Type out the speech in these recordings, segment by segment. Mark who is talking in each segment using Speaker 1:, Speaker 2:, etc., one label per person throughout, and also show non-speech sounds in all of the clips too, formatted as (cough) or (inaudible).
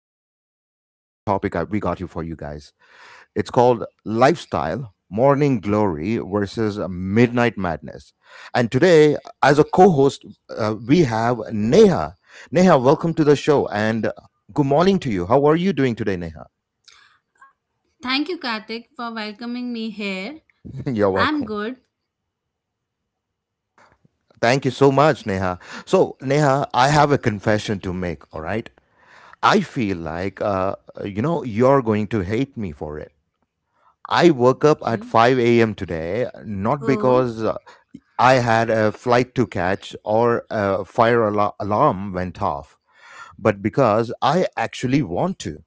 Speaker 1: some amazing topic we got you for you guys. It's called lifestyle, morning glory versus midnight madness. And today, as a co-host, we have Neha. Neha, welcome to the show, and good morning to you. How are you doing today, Neha?
Speaker 2: Thank you, Karthik, for welcoming me here.
Speaker 1: (laughs) You're
Speaker 2: I'm
Speaker 1: welcome.
Speaker 2: good.
Speaker 1: Thank you so much, Neha. So, Neha, I have a confession to make, all right? I feel like, you're going to hate me for it. I woke up at 5 a.m. today, not
Speaker 2: Oh,
Speaker 1: because I had a flight to catch or a alarm went off, but because I actually want to.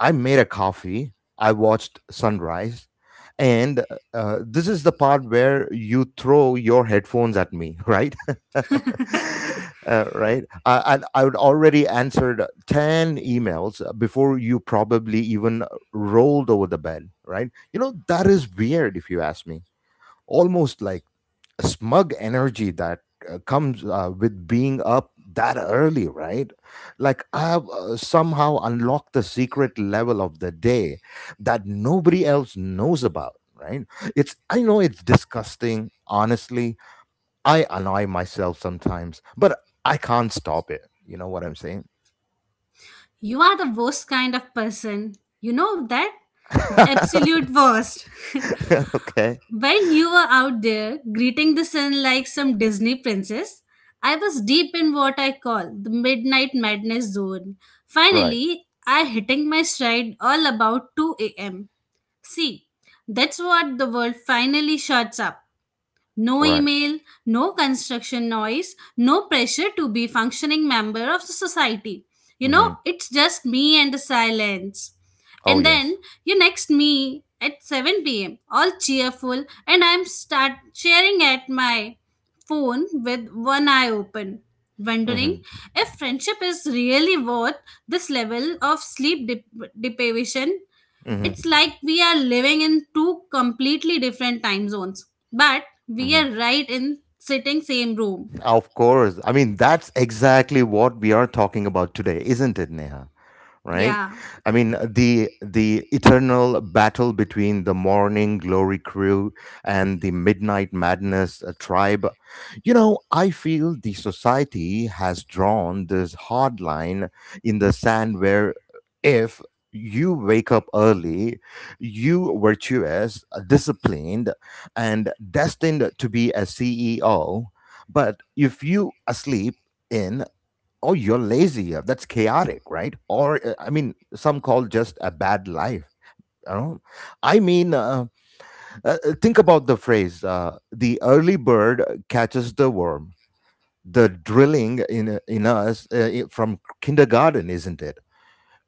Speaker 1: I made a coffee. I watched sunrise. And this is the part where you throw your headphones at me, (laughs) right? (laughs)
Speaker 2: (laughs)
Speaker 1: And I would already answered 10 emails before you probably even rolled over the bed, right? You know, that is weird if you ask me. Almost like smug energy that comes with being up that early, right? Like I have somehow unlocked the secret level of the day that nobody else knows about, right? It's I know it's disgusting, honestly. I annoy myself sometimes, but I can't stop it. You know what I'm saying?
Speaker 2: You are the worst kind of person. You know that? The
Speaker 1: (laughs)
Speaker 2: absolute worst. (laughs)
Speaker 1: Okay.
Speaker 2: While you were out there greeting the sun like some Disney princess, I was deep in what I call the midnight madness zone.
Speaker 1: Right.
Speaker 2: Finally, I hitting my stride all about 2 a.m. See, that's what the world finally shuts up. No
Speaker 1: Right.
Speaker 2: email, no construction noise, no pressure to be functioning member of the society. You know,
Speaker 1: Mhm.
Speaker 2: it's just me and the silence.
Speaker 1: Oh
Speaker 2: And then
Speaker 1: yes.
Speaker 2: you next me at 7 p.m., all cheerful, and I'm start sharing at my phone with one eye open, wondering
Speaker 1: Mhm.
Speaker 2: if friendship is really worth this level of sleep deprivation.
Speaker 1: Mhm.
Speaker 2: It's like we are living in two completely different time zones, but we are
Speaker 1: Mhm.
Speaker 2: right in sitting same room.
Speaker 1: Of course. I mean, that's exactly what we are talking about today, isn't it, Neha? Right,
Speaker 2: Yeah.
Speaker 1: I mean the eternal battle between the morning glory crew and the midnight madness tribe. You know, I feel the society has drawn this hard line in the sand where, if you wake up early, you virtuous, disciplined, and destined to be a CEO. But if you asleep in, oh, you're lazy. That's chaotic, right? Or I mean some call just a bad life, you know. I mean, think about the phrase, the early bird catches the worm. The drilling in us from kindergarten, isn't it?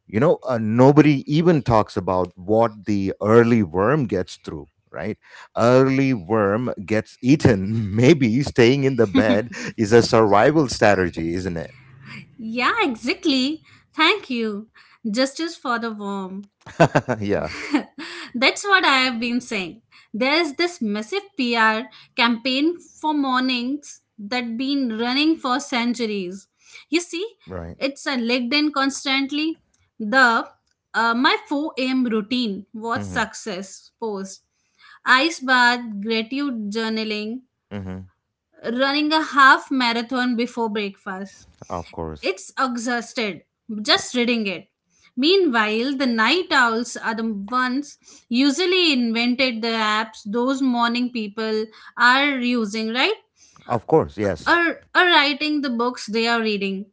Speaker 1: You know, nobody even talks about what the early worm gets through, right? Early worm gets eaten. (laughs) Maybe staying in the bed is a survival strategy, isn't it?
Speaker 2: Yeah, exactly. Thank you. Justice for the worm.
Speaker 1: (laughs) Yeah.
Speaker 2: That's what I have been saying. There is this massive PR campaign for mornings that been running for centuries. You see,
Speaker 1: Right.
Speaker 2: it's a LinkedIn constantly. The my 4 a.m. routine was
Speaker 1: Mm-hmm.
Speaker 2: success post ice bath, gratitude journaling,
Speaker 1: Mm-hmm.
Speaker 2: running a half marathon before breakfast.
Speaker 1: Of course.
Speaker 2: It's exhausted just reading it. Meanwhile, the night owls are the ones usually invented the apps those morning people are using, right?
Speaker 1: Of course, yes.
Speaker 2: Or, or writing the books they are reading.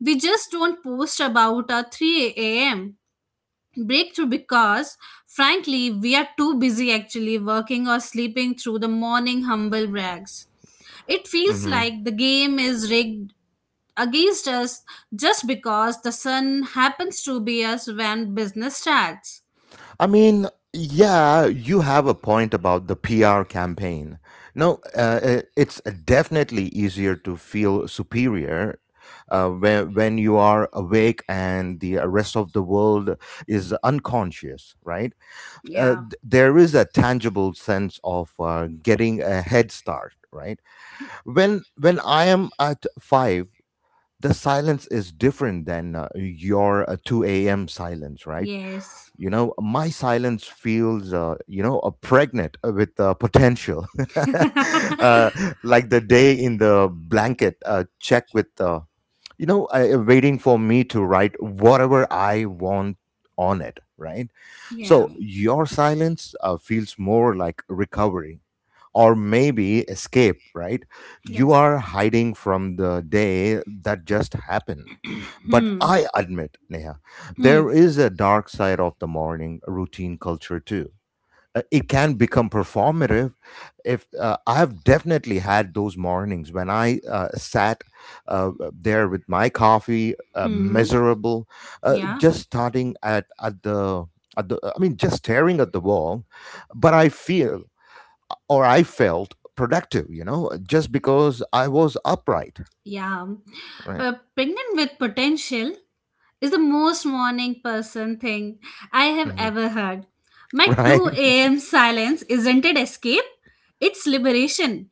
Speaker 2: We just don't post about our 3 a.m breakthrough because frankly we are too busy actually working or sleeping through the morning humble brags. It feels
Speaker 1: Mm-hmm.
Speaker 2: like the game is rigged against us just because the sun happens to be us when business starts.
Speaker 1: I mean, yeah, you have a point about the PR campaign. No, it's definitely easier to feel superior when you are awake and the rest of the world is unconscious, right?
Speaker 2: Yeah.
Speaker 1: There is a tangible sense of getting a head start, right? When I am at five, the silence is different than your 2 a.m. silence, right?
Speaker 2: Yes.
Speaker 1: You know, my silence feels, pregnant with potential. (laughs) Uh, like the day in the blanket, check with, waiting for me to write whatever I want on it, right?
Speaker 2: Yeah.
Speaker 1: So your silence feels more like recovery or maybe escape, right? You
Speaker 2: Yes.
Speaker 1: are hiding from the day that just happened. But
Speaker 2: Hmm.
Speaker 1: I admit, Neha,
Speaker 2: Hmm.
Speaker 1: there is a dark side of the morning routine culture too. It can become performative. If I have definitely had those mornings when I sat there with my coffee,
Speaker 2: Hmm.
Speaker 1: miserable,
Speaker 2: Yeah.
Speaker 1: just starting at the at the. I mean, just staring at the wall, but I feel or I felt productive, you know, just because I was upright,
Speaker 2: Yeah.
Speaker 1: right?
Speaker 2: Pregnant with potential is the most morning person thing I have
Speaker 1: Hmm.
Speaker 2: ever heard.
Speaker 1: (laughs)
Speaker 2: My
Speaker 1: Right?
Speaker 2: 2 a.m. silence isn't it escape, it's liberation.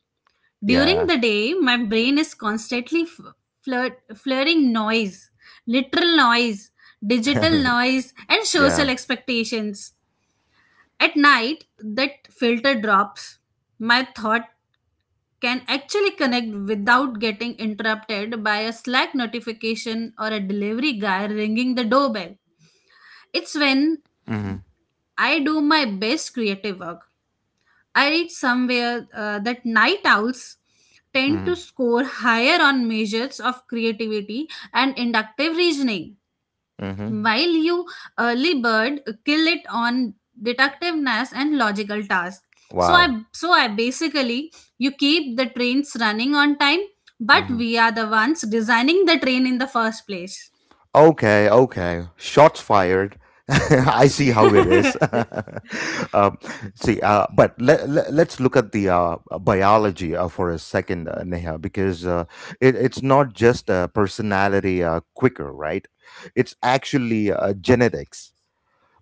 Speaker 1: (laughs)
Speaker 2: During
Speaker 1: Yeah.
Speaker 2: the day, my brain is constantly flirting noise, literal noise, digital
Speaker 1: (laughs)
Speaker 2: noise, and social
Speaker 1: Yeah.
Speaker 2: expectations. At night, that filter drops. My thought can actually connect without getting interrupted by a Slack notification or a delivery guy ringing the doorbell. It's when
Speaker 1: Hmm.
Speaker 2: I do my best creative work. I read somewhere that night owls tend to
Speaker 1: Hmm.
Speaker 2: score higher on measures of creativity and inductive reasoning
Speaker 1: Hmm.
Speaker 2: while you early bird kill it on detectiveness and logical tasks. So
Speaker 1: Wow.
Speaker 2: I so I basically you keep the trains running on time, but
Speaker 1: Hmm.
Speaker 2: we are the ones designing the train in the first place.
Speaker 1: Okay. Okay. Shots fired. (laughs) I see how it is.
Speaker 2: (laughs)
Speaker 1: (laughs) um, See, But us look at the biology for a second, Neha, because it's not just personality quicker, right? It's actually genetics.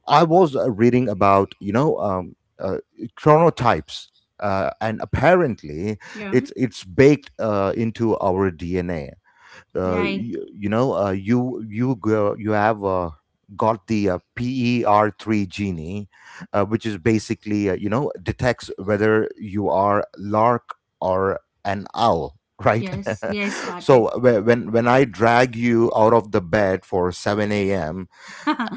Speaker 1: I was reading about, chronotypes, and apparently
Speaker 2: Yeah.
Speaker 1: it's baked into our DNA.
Speaker 2: Right.
Speaker 1: You know, you have got the PER3 gene, which is basically you know detects whether you are lark or an owl. Right,
Speaker 2: Yes. Yes,
Speaker 1: (laughs)
Speaker 2: Karthik.
Speaker 1: so when I drag you out of the bed for 7 a.m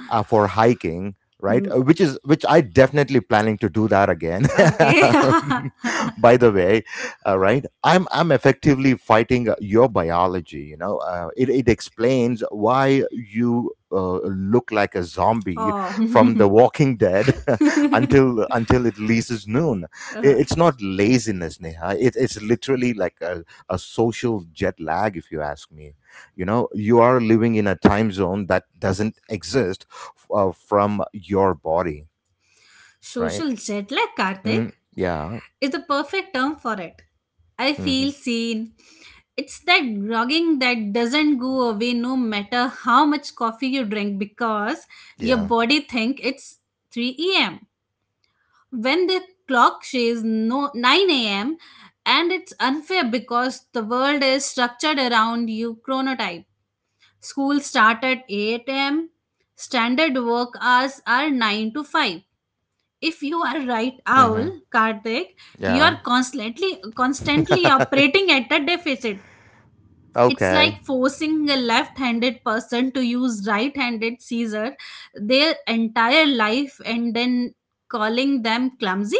Speaker 1: for hiking, right?
Speaker 2: Hmm.
Speaker 1: Which is which I definitely planning to do that again
Speaker 2: Okay. (laughs)
Speaker 1: (laughs) by the way, right, I'm effectively fighting your biology. You know, it explains why you look like a zombie
Speaker 2: Oh.
Speaker 1: from
Speaker 2: (laughs)
Speaker 1: the walking dead (laughs) until it leases noon.
Speaker 2: Uh,
Speaker 1: It's not laziness, Neha. It's literally like a social jet lag, if you ask me. You know, you are living in a time zone that doesn't exist from your body, right?
Speaker 2: Social jet lag,
Speaker 1: Mm,
Speaker 2: Karthik,
Speaker 1: yeah.
Speaker 2: is the perfect term for it. I feel
Speaker 1: Hmm.
Speaker 2: seen. It's that grogging that doesn't go away no matter how much coffee you drink because your
Speaker 1: Yeah.
Speaker 2: body think it's 3 a.m. when the clock says no 9 a.m. And it's unfair because the world is structured around you chronotype. School start at 8 a.m. Standard work hours are 9 to 5 if you are right owl,
Speaker 1: Hmm.
Speaker 2: Karthik. You
Speaker 1: Yeah.
Speaker 2: are constantly
Speaker 1: (laughs)
Speaker 2: operating at a deficit. It's
Speaker 1: Okay.
Speaker 2: like forcing a left-handed person to use right-handed scissor their entire life and then calling them clumsy.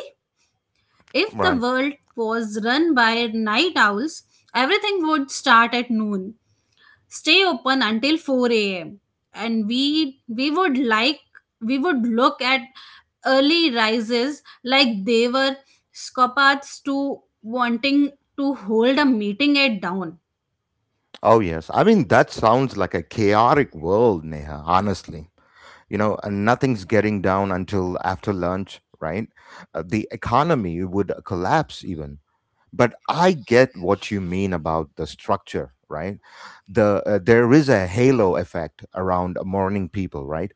Speaker 2: If the
Speaker 1: Right.
Speaker 2: world was run by night owls, everything would start at noon, stay open until 4 a.m, and we would like we would look at early rises like they were scopards to wanting to hold a meeting at down.
Speaker 1: Oh, yes. I mean, that sounds like a chaotic world, Neha, honestly. You know, nothing's getting down until after lunch, right? The economy would collapse even. But I get what you mean about the structure, right? The there is a halo effect around morning people, right?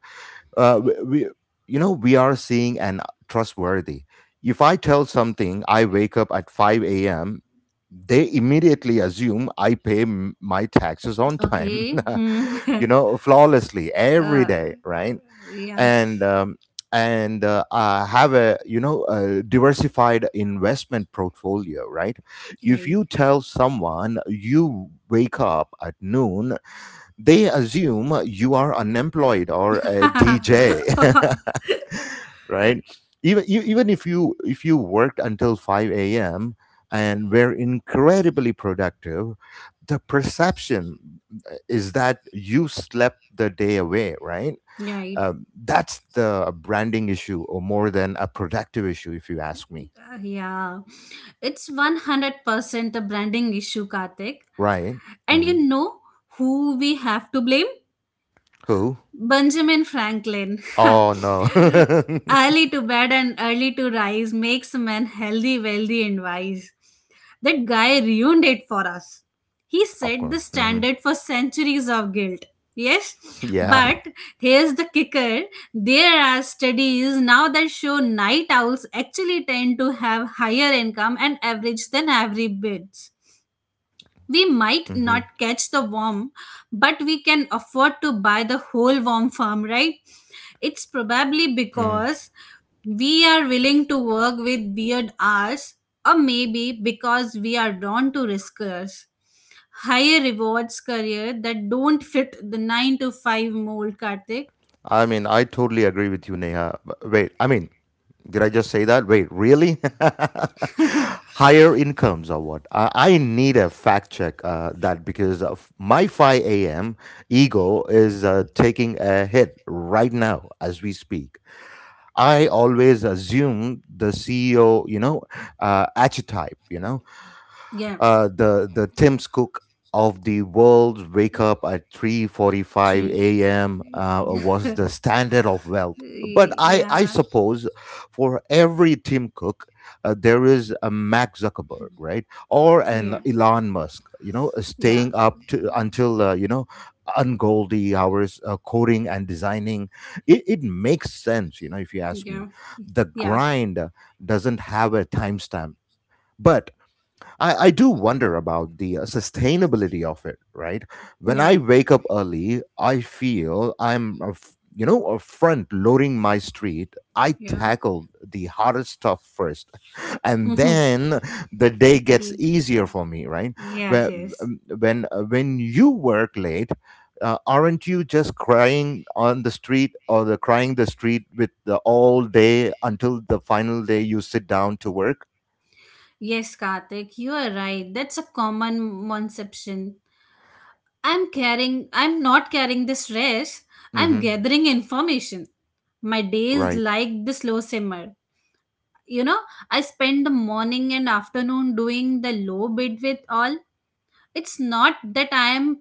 Speaker 1: we You know we are seeing and trustworthy. If I tell something I wake up at 5 a.m, they immediately assume I pay my taxes on time
Speaker 2: Okay. Hmm.
Speaker 1: (laughs) you know flawlessly
Speaker 2: (laughs)
Speaker 1: every
Speaker 2: uh,
Speaker 1: day, right? And
Speaker 2: yes.
Speaker 1: have a you know a diversified investment portfolio, right? If
Speaker 2: Right.
Speaker 1: you tell someone you wake up at noon, they assume you are unemployed or a
Speaker 2: (laughs)
Speaker 1: DJ, (laughs) right? Even you, even if you worked until five a.m. and were incredibly productive, the perception is that you slept the day away, right?
Speaker 2: Right.
Speaker 1: That's the branding issue, or more than a productive issue, if you ask me,
Speaker 2: Yeah, it's 100% a branding issue, kartik
Speaker 1: right?
Speaker 2: and you
Speaker 1: Hmm.
Speaker 2: know who we have to blame.
Speaker 1: Who?
Speaker 2: Benjamin Franklin.
Speaker 1: Oh no,
Speaker 2: (laughs) Early to bed and early to rise makes a man healthy, wealthy, and wise. That guy ruined it for us. He
Speaker 1: (laughs) of
Speaker 2: set
Speaker 1: course.
Speaker 2: the
Speaker 1: Hmm.
Speaker 2: standard for centuries of guilt. Yes,
Speaker 1: Yeah.
Speaker 2: but here's the kicker. There are studies now that show night owls actually tend to have higher income and average than average birds. We might
Speaker 1: Hmm.
Speaker 2: not catch the worm, but we can afford to buy the whole worm farm, right? It's probably because we are willing to work with weird hours, or maybe because we are drawn to riskers. Higher rewards career that don't fit the 9 to 5 mold, Karthik.
Speaker 1: I mean, I totally agree with you, Neha. But wait, I mean, did I just say that? Wait, really? (laughs) Higher incomes or what? I need a fact check that because of my 5 a.m. ego is taking a hit right now as we speak. I always assume the CEO, you know, archetype, you know.
Speaker 2: Yeah,
Speaker 1: The Tim's Cook of the world wake up at 3:45
Speaker 2: true.
Speaker 1: a.m. Was the standard of wealth. But
Speaker 2: Y-
Speaker 1: I
Speaker 2: Yeah,
Speaker 1: suppose for every Tim Cook, there is a Mark Zuckerberg, right, or an
Speaker 2: yeah,
Speaker 1: Elon Musk. You know,
Speaker 2: yeah,
Speaker 1: staying up to until ungoldy hours, coding and designing. It makes sense, you know, if you ask me.
Speaker 2: yeah,
Speaker 1: The
Speaker 2: yes,
Speaker 1: grind doesn't have a timestamp. But I do wonder about the sustainability of it, right? When I
Speaker 2: right,
Speaker 1: wake up early, I feel I'm, a f- you know, a front loading my street. I
Speaker 2: yeah.
Speaker 1: tackle the hardest stuff first, (laughs) and
Speaker 2: (laughs)
Speaker 1: then the day gets
Speaker 2: Indeed.
Speaker 1: easier for me, right?
Speaker 2: Yes,
Speaker 1: Whe-
Speaker 2: yes.
Speaker 1: when you work late, aren't you just crying on the street or the crying the street with the all day until the final day you sit down to work?
Speaker 2: Yes, Karthik, you are right. That's a common misconception. I'm not carrying the stress. I'm
Speaker 1: Mm-hmm.
Speaker 2: gathering information. My day is
Speaker 1: Right.
Speaker 2: like the slow simmer. You know, I spend the morning and afternoon doing the low bit with all. It's not that I am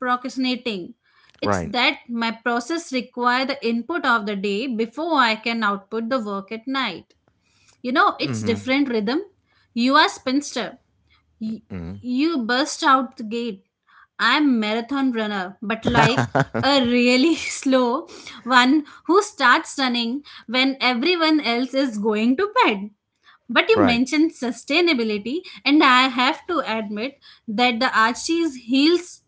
Speaker 2: procrastinating. It's
Speaker 1: Right.
Speaker 2: that my process require the input of the day before I can output the work at night. You know, it's
Speaker 1: Hmm.
Speaker 2: different rhythm. You are spinster. You,
Speaker 1: Hmm.
Speaker 2: you burst out the gate. I'm marathon runner, but like a really (laughs) slow one who starts running when everyone else is going to bed. But you
Speaker 1: Right.
Speaker 2: mentioned sustainability, and I have to admit that the Archie's heels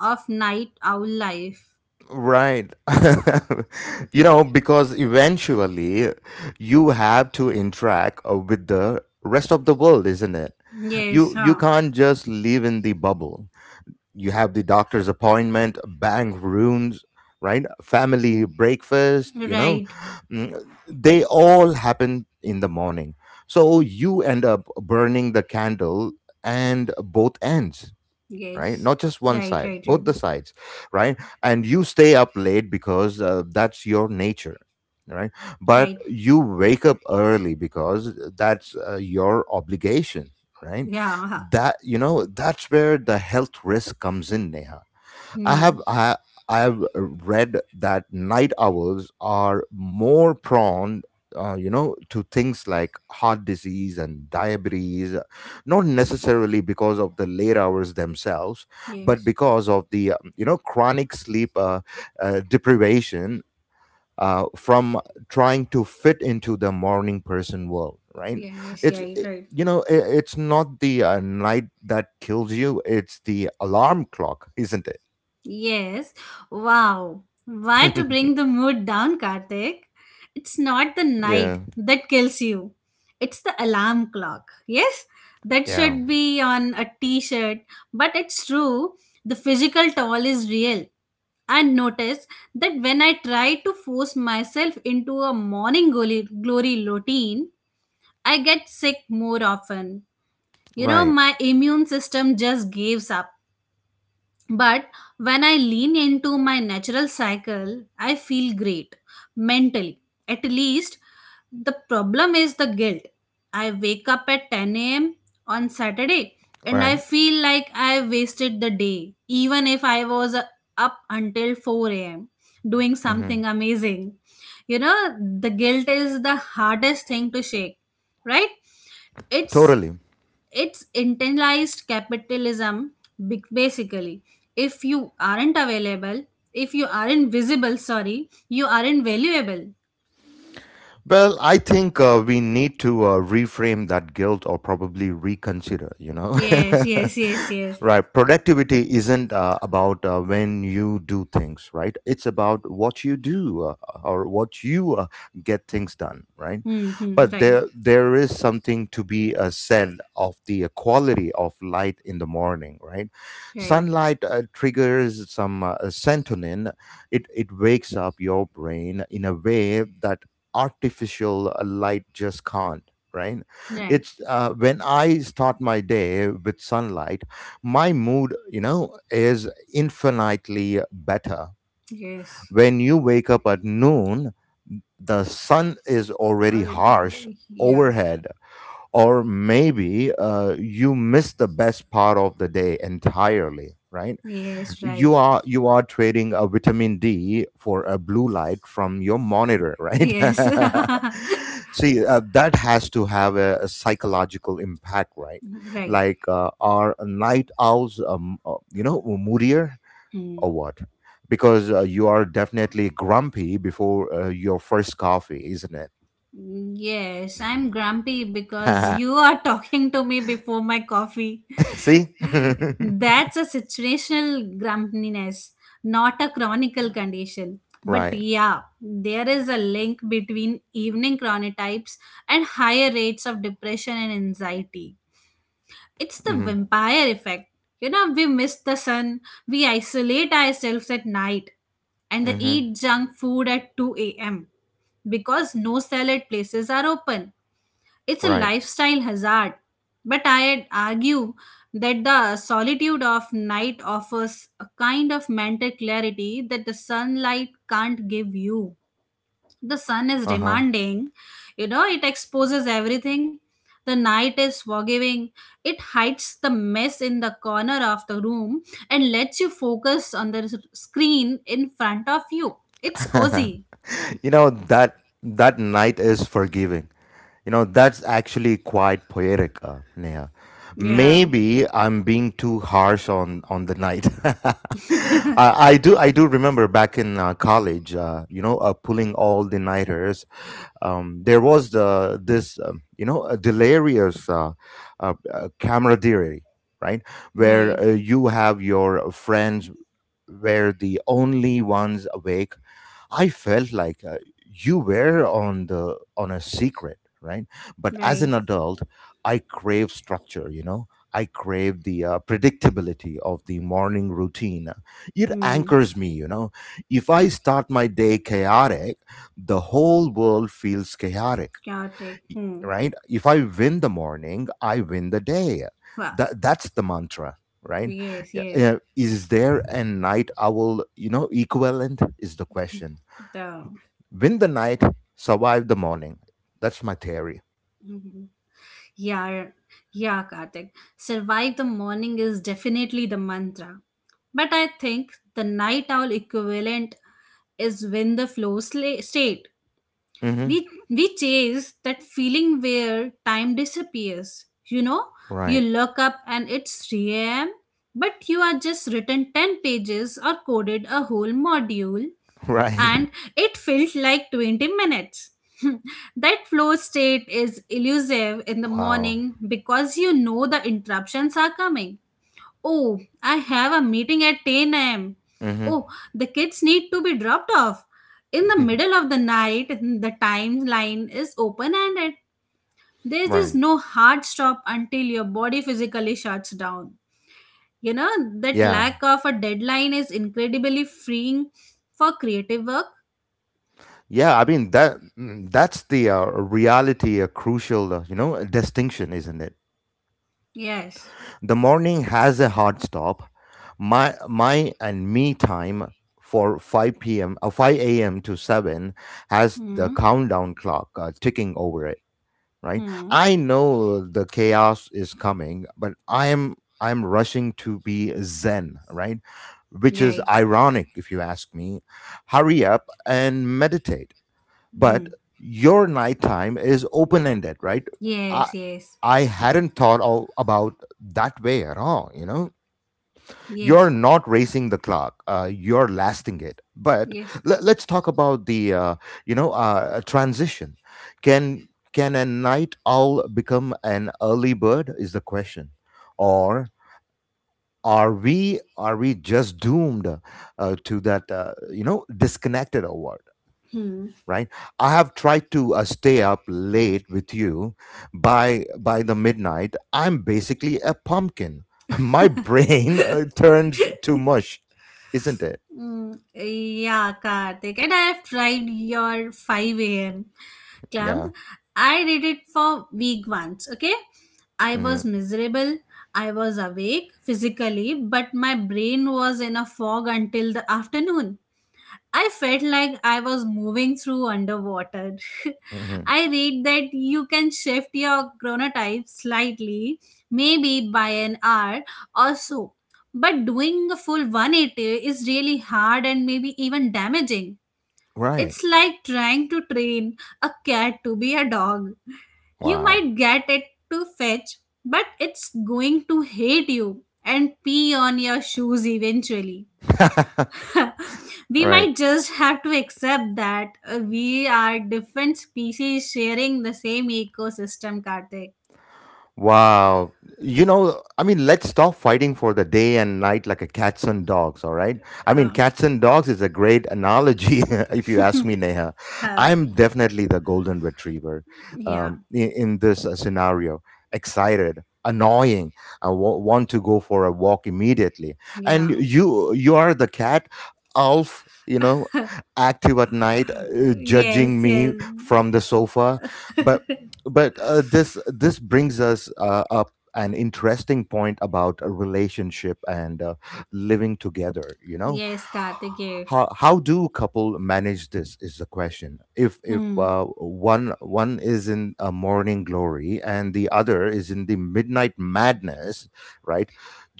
Speaker 2: of night owl life.
Speaker 1: Right. (laughs) You know, because eventually you have to interact with the rest of the world, isn't it?
Speaker 2: Yes,
Speaker 1: You
Speaker 2: huh.
Speaker 1: can't just live in the bubble. You have the doctor's appointment, bank rooms, right? Family breakfast, you know.
Speaker 2: Right.
Speaker 1: Mm, they all happen in the morning. So you end up burning the candle and both ends, right?
Speaker 2: Yes.
Speaker 1: Not just one
Speaker 2: Right,
Speaker 1: side,
Speaker 2: right, right.
Speaker 1: both the sides, right? And you stay up late because that's your nature, right? But
Speaker 2: Right.
Speaker 1: you wake up early because that's your obligation, right?
Speaker 2: Yeah. Huh.
Speaker 1: That, you know, that's where the health risk comes in, Neha. I
Speaker 2: Hmm.
Speaker 1: have I I have read that night owls are more prone, to things like heart disease and diabetes, not necessarily because of the late hours themselves, but
Speaker 2: Yes.
Speaker 1: because of the you know chronic sleep deprivation. From trying to fit into the morning person world, right?
Speaker 2: Yes, yeah, right.
Speaker 1: You know, it's not the night that kills you; it's the alarm clock, isn't
Speaker 2: Yes. Wow. Why to
Speaker 1: it?
Speaker 2: bring
Speaker 1: (laughs)
Speaker 2: the mood down, Karthik? It's not the
Speaker 1: Yeah.
Speaker 2: night that kills you. It's the alarm clock. Yes? That
Speaker 1: Yeah.
Speaker 2: should be on a t-shirt, but it's true. The physical toll is real. And notice that when I try to force myself into a morning glory routine, I get sick more often. You know,
Speaker 1: Right.
Speaker 2: my immune system just gives up. But when I lean into my natural cycle, I feel great mentally. At least the problem is the guilt. I wake up at 10 a.m. on Saturday and
Speaker 1: Right.
Speaker 2: I feel like I wasted the day, even if I was up until 4 a.m. doing
Speaker 1: Hmm.
Speaker 2: something amazing. You know, the guilt is the hardest thing to shake, right? It's
Speaker 1: Totally.
Speaker 2: it's internalized capitalism, basically. If you aren't available, if you aren't visible, sorry, you aren't valuable.
Speaker 1: Well, I think we need to reframe that guilt or probably reconsider, you know.
Speaker 2: Yes, yes, yes,
Speaker 1: (laughs)
Speaker 2: yes.
Speaker 1: Right. Productivity isn't about when you do things, right? It's about what you do or what you get things done, right?
Speaker 2: Mm-hmm.
Speaker 1: But
Speaker 2: Right.
Speaker 1: there is something to be said of the quality of light in the morning, right?
Speaker 2: Right.
Speaker 1: Sunlight triggers some serotonin. It wakes up your brain in a way that artificial light just can't, right.
Speaker 2: Right.
Speaker 1: it's When I start my day with sunlight, my mood is infinitely better.
Speaker 2: Yes.
Speaker 1: When you wake up at noon, the sun is already
Speaker 2: Already.
Speaker 1: harsh
Speaker 2: Yes,
Speaker 1: overhead, or maybe you miss the best part of the day entirely, right.
Speaker 2: yes.
Speaker 1: you
Speaker 2: Right.
Speaker 1: are you are trading a vitamin D for a blue light from your monitor, right?
Speaker 2: Yes. (laughs)
Speaker 1: (laughs) See, that has to have a psychological impact, right?
Speaker 2: Right.
Speaker 1: Like, are night owls moodier
Speaker 2: Hmm.
Speaker 1: or what? Because you are definitely grumpy before your first coffee, isn't
Speaker 2: Yes, I'm grumpy because
Speaker 1: it?
Speaker 2: you are talking to me before my coffee.
Speaker 1: (laughs) See, (laughs)
Speaker 2: That's a situational grumpiness, not a chronical condition. But
Speaker 1: right?
Speaker 2: yeah, there is a link between evening chronotypes and higher rates of depression and anxiety. It's the
Speaker 1: Hmm.
Speaker 2: vampire effect. You know, we miss the sun, we isolate ourselves at night, and they
Speaker 1: Hmm.
Speaker 2: eat junk food at 2 a.m. because no salad places are open. It's a
Speaker 1: Right.
Speaker 2: lifestyle hazard. But I'd argue that the solitude of night offers a kind of mental clarity that the sunlight can't give you. The sun is
Speaker 1: Uh
Speaker 2: demanding, you know. It exposes everything. The night is forgiving. It hides the mess in the corner of the room and lets you focus on the screen in front of you. It's
Speaker 1: huh.
Speaker 2: cozy.
Speaker 1: (laughs) You know that that night is forgiving. You know, that's actually quite poetic, Neha.
Speaker 2: Yeah.
Speaker 1: Maybe I'm being too harsh on the night. (laughs) I do remember back in college, pulling all the nighters. There was the this you know a delirious camaraderie, right? Where
Speaker 2: Right.
Speaker 1: you have your friends were the only ones awake. I felt like you were on a secret, right? But as
Speaker 2: Right.
Speaker 1: an adult, I crave structure. You know, I crave the predictability of the morning routine. It
Speaker 2: Hmm.
Speaker 1: anchors me. You know, if I start my day chaotic, the whole world feels chaotic.
Speaker 2: Chaotic.
Speaker 1: y-
Speaker 2: Hmm.
Speaker 1: right, if I win the morning, I win the day.
Speaker 2: Wow.
Speaker 1: That's the mantra, right?
Speaker 2: Yes.
Speaker 1: Yeah,
Speaker 2: Yes.
Speaker 1: yeah, is there a night owl equivalent, is the question.
Speaker 2: The.
Speaker 1: Win the night, survive the morning, that's my theory.
Speaker 2: Mhm. Yeah, yeah, Kartik. Survive the morning is definitely the mantra. But I think the night owl equivalent is win the flow state.
Speaker 1: Hmm.
Speaker 2: we we chase that feeling where time disappears. You know, you
Speaker 1: Right.
Speaker 2: look up and it's 3 a.m. but you are just written 10 pages or coded a whole module,
Speaker 1: (laughs) Right.
Speaker 2: and it felt like 20 minutes. (laughs) That flow state is elusive in the
Speaker 1: Wow.
Speaker 2: morning because you know the interruptions are coming. Oh, I have a meeting at 10 am.
Speaker 1: Hmm.
Speaker 2: Oh, the kids need to be dropped off. In the
Speaker 1: (laughs)
Speaker 2: middle of the night, the timeline is open ended. There is
Speaker 1: Right.
Speaker 2: no hard stop until your body physically shuts down. You know, that
Speaker 1: Yeah,
Speaker 2: lack of a deadline is incredibly freeing for creative work.
Speaker 1: yeah, I mean that, that's the reality, a crucial distinction, isn't it?
Speaker 2: Yes.
Speaker 1: The morning has a hard stop. My and me time for 5 p.m. or 5 a.m. to 7 has the
Speaker 2: Hmm.
Speaker 1: countdown clock ticking over it. Right.
Speaker 2: Hmm.
Speaker 1: I know the chaos is coming, but I am rushing to be zen. Right, which is
Speaker 2: Right.
Speaker 1: ironic if you ask me. Hurry up and meditate. But
Speaker 2: Hmm.
Speaker 1: your nighttime is open ended, right? I
Speaker 2: Yes, yes.
Speaker 1: I hadn't thought of, about that way at all. You know, you're
Speaker 2: Yes.
Speaker 1: not racing the clock; you're lasting it. But
Speaker 2: Yes,
Speaker 1: let's talk
Speaker 2: Karthik.
Speaker 1: about the transition. Can a night owl become an early bird, is the question? Or are we just doomed to that disconnected hour?
Speaker 2: Hmm.
Speaker 1: Right. I have tried to stay up late with you. By the midnight, I'm basically a pumpkin. (laughs) My brain turns to mush, isn't it?
Speaker 2: Mm, yeah, Karthik. And I have tried your 5 a.m. club.
Speaker 1: Yeah.
Speaker 2: I did it for week once, okay? I was
Speaker 1: Hmm.
Speaker 2: miserable. I was awake physically, but my brain was in a fog until the afternoon. I felt like I was moving through underwater. (laughs)
Speaker 1: Hmm.
Speaker 2: I read that you can shift your chronotype slightly, maybe by an hour or so. But doing a full 180 is really hard and maybe even damaging.
Speaker 1: Right.
Speaker 2: It's like trying to train a cat to be a dog. You
Speaker 1: Wow.
Speaker 2: might get it to fetch, but it's going to hate you and pee on your shoes eventually.
Speaker 1: (laughs)
Speaker 2: We
Speaker 1: Right.
Speaker 2: might just have to accept that we are different species sharing the same ecosystem, Kartik.
Speaker 1: Wow. You know, I mean, let's stop fighting for the day and night like a cats and dogs, all right? I mean,
Speaker 2: Uh,
Speaker 1: cats and dogs is a great analogy, (laughs) if you ask me, Neha.
Speaker 2: huh?
Speaker 1: I'm definitely the golden retriever,
Speaker 2: Yeah.
Speaker 1: in, this scenario. Excited, annoying. I want to go for a walk immediately. And
Speaker 2: Yeah.
Speaker 1: you are the cat, Alf, you know, active at night, judging
Speaker 2: Yes.
Speaker 1: me
Speaker 2: Yes.
Speaker 1: from the sofa. But this brings us up an interesting point about a relationship and living together, you know.
Speaker 2: Yes, Kartik. Yes.
Speaker 1: How do couple manage, this is the question. if if
Speaker 2: Hmm.
Speaker 1: uh, one one is in a morning glory and the other is in the midnight madness, right?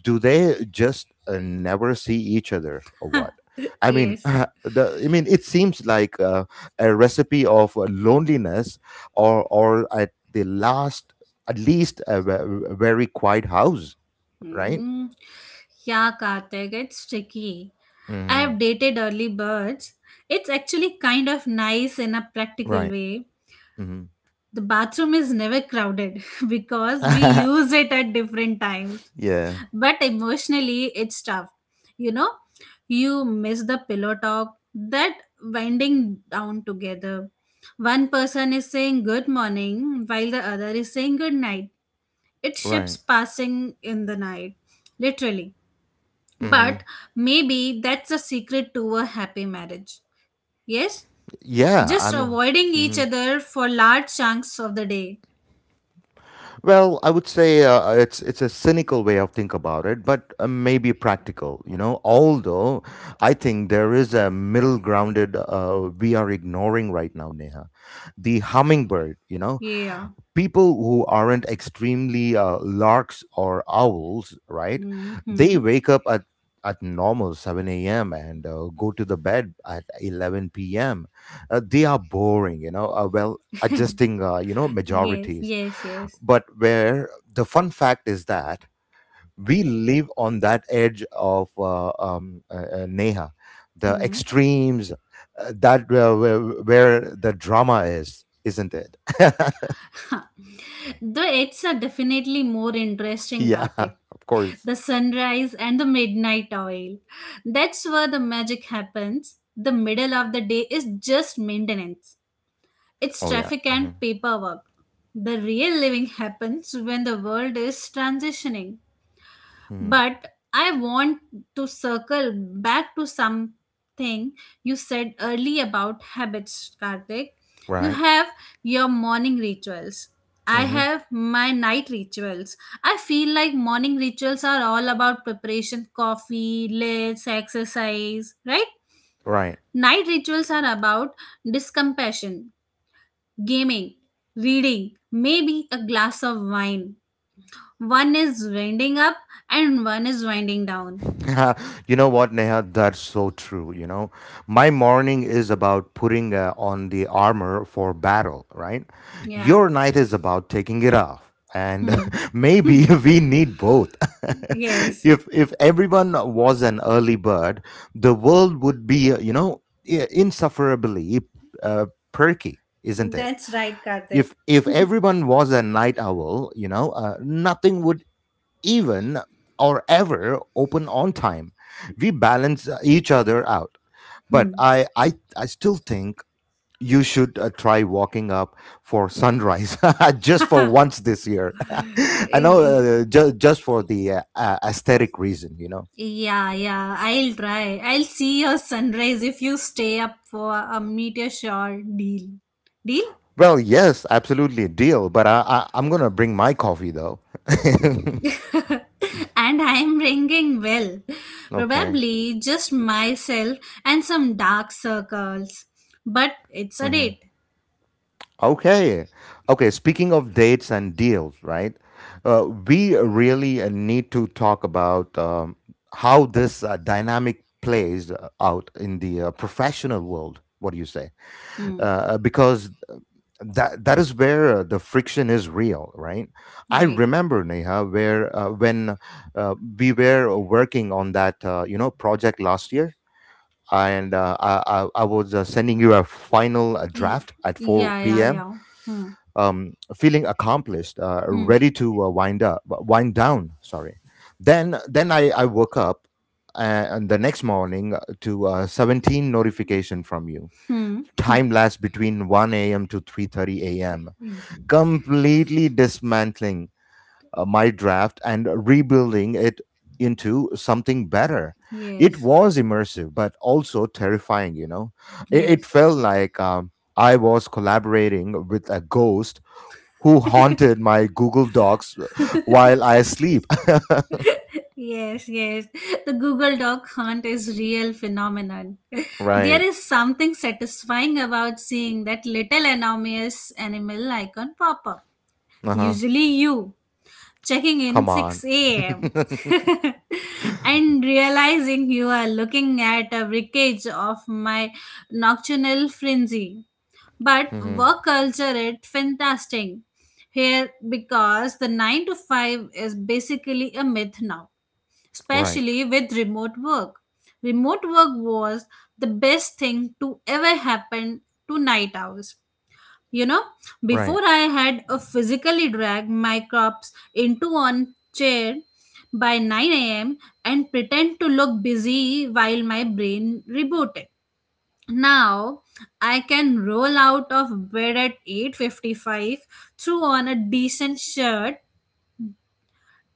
Speaker 1: Do they just never see each other or what?
Speaker 2: (laughs)
Speaker 1: I mean,
Speaker 2: Yes.
Speaker 1: (laughs) the I mean, it seems like a recipe of loneliness, or at the last, at least a very quiet house, right?
Speaker 2: Hmm. Yeah, Kartik, it's tricky. I
Speaker 1: Hmm.
Speaker 2: have dated early birds. It's actually kind of nice in a practical
Speaker 1: Right.
Speaker 2: way.
Speaker 1: Hmm.
Speaker 2: The bathroom is never crowded (laughs) because we
Speaker 1: (laughs)
Speaker 2: use it at different times.
Speaker 1: Yeah.
Speaker 2: But emotionally it's tough. You know, you miss the pillow talk, that winding down together. One person is saying good morning while the other is saying good night. It
Speaker 1: Right.
Speaker 2: ships passing in the night, literally.
Speaker 1: Hmm.
Speaker 2: But maybe that's a secret to a happy marriage. Yes,
Speaker 1: Yeah, I
Speaker 2: just
Speaker 1: mean.
Speaker 2: avoiding each
Speaker 1: Mhm.
Speaker 2: other for large chunks of the day.
Speaker 1: Well, I would say it's a cynical way of think about it, but maybe practical, you know. Although I think there is a middle grounded we are ignoring right now, Neha, the hummingbird, you know.
Speaker 2: Yeah.
Speaker 1: People who aren't extremely larks or owls, right? They
Speaker 2: Mm-hmm.
Speaker 1: wake up at normal 7 a.m. and go to the bed at 11 p.m. They are boring, you know. Well, adjusting,
Speaker 2: Yes,
Speaker 1: majorities.
Speaker 2: yes, yes.
Speaker 1: But where the fun fact is that we live on that edge of Neha, the
Speaker 2: Hmm.
Speaker 1: extremes that where the drama is, isn't it?
Speaker 2: Huh. The it's are definitely more
Speaker 1: (laughs)
Speaker 2: interesting,
Speaker 1: Yeah,
Speaker 2: Karthik.
Speaker 1: of course.
Speaker 2: The sunrise and the midnight oil. That's where the magic happens. The middle of the day is just maintenance. It's
Speaker 1: Oh yeah.
Speaker 2: traffic
Speaker 1: Hmm.
Speaker 2: and paperwork. The real living happens when the world is transitioning.
Speaker 1: Hmm.
Speaker 2: But I want to circle back to something you said early about habits, Karthik. You
Speaker 1: Right.
Speaker 2: have your morning rituals. I
Speaker 1: Hmm.
Speaker 2: have my night rituals. I feel like morning rituals are all about preparation, coffee, lists, exercise, right?
Speaker 1: Right.
Speaker 2: Night rituals are about discompassion, gaming, reading, maybe a glass of wine. One is winding up and one is winding down.
Speaker 1: (laughs) You know what, Neha? That's so true. You know, my morning is about putting on the armor for battle, right?
Speaker 2: Yeah.
Speaker 1: Your night is about taking it off. And
Speaker 2: Hmm.
Speaker 1: (laughs) maybe (laughs) we need both. (laughs)
Speaker 2: Yes,
Speaker 1: If everyone was an early bird, the world would be, insufferably uh, perky, isn't it?
Speaker 2: that's right, Karthik.
Speaker 1: If everyone was a night owl, you know, nothing would even, or ever open on time. We balance each other out. But
Speaker 2: Hmm.
Speaker 1: I still think you should try walking up for sunrise (laughs) just for once this year. (laughs) I know,
Speaker 2: Y-
Speaker 1: just for the aesthetic reason, you know.
Speaker 2: Yeah, yeah. I'll try. I'll see your sunrise if you stay up for a meteor shower deal. Deal?
Speaker 1: Well, yes, absolutely, deal. But I'm gonna bring my coffee though. (laughs)
Speaker 2: (laughs) And I'm ringing well.
Speaker 1: Okay.
Speaker 2: Probably just myself and some dark circles. But it's a
Speaker 1: Mhm.
Speaker 2: date.
Speaker 1: Okay. Okay, speaking of dates and deals, right? We really need to talk about how this dynamic plays out in the professional world. What do you say?
Speaker 2: Hmm.
Speaker 1: Because that is where the friction is real, right? I
Speaker 2: Right.
Speaker 1: remember, Neha, where when we were working on that project last year, and I was sending you a final
Speaker 2: Y-
Speaker 1: draft at
Speaker 2: yeah,
Speaker 1: four
Speaker 2: yeah,
Speaker 1: p.m
Speaker 2: yeah. Hmm.
Speaker 1: feeling accomplished,
Speaker 2: Hmm.
Speaker 1: ready to wind up, wind down. Sorry. Then, I woke up uh, and the next morning to 17 notification from you.
Speaker 2: Hmm.
Speaker 1: Time lapse between 1 a.m. to 3:30 a.m., completely dismantling my draft and rebuilding it into something better. It
Speaker 2: Yes.
Speaker 1: was immersive, but also terrifying. You know, it
Speaker 2: Yes.
Speaker 1: felt like. I was collaborating with a ghost who haunted my Google Docs while I sleep. (laughs)
Speaker 2: Yes, yes. The Google Doc hunt is real phenomenon. (laughs) There
Speaker 1: Right.
Speaker 2: is something satisfying about seeing that little anonymous animal icon pop up.
Speaker 1: Uh huh.
Speaker 2: Usually you checking in
Speaker 1: Come on.
Speaker 2: 6 a.m. (laughs) and realizing you are looking at a wreckage of my nocturnal frenzy, but
Speaker 1: Hmm.
Speaker 2: work culture it fantastic here because the 9 to 5 is basically a myth now,
Speaker 1: Right.
Speaker 2: especially with remote work. Remote work was the best thing to ever happen to night owls, you know. Before
Speaker 1: Right.
Speaker 2: I had a physically drag my crops into one chair by 9 a.m and pretend to look busy while my brain rebooted. Now I can roll out of bed at 8:55, throw on a decent shirt,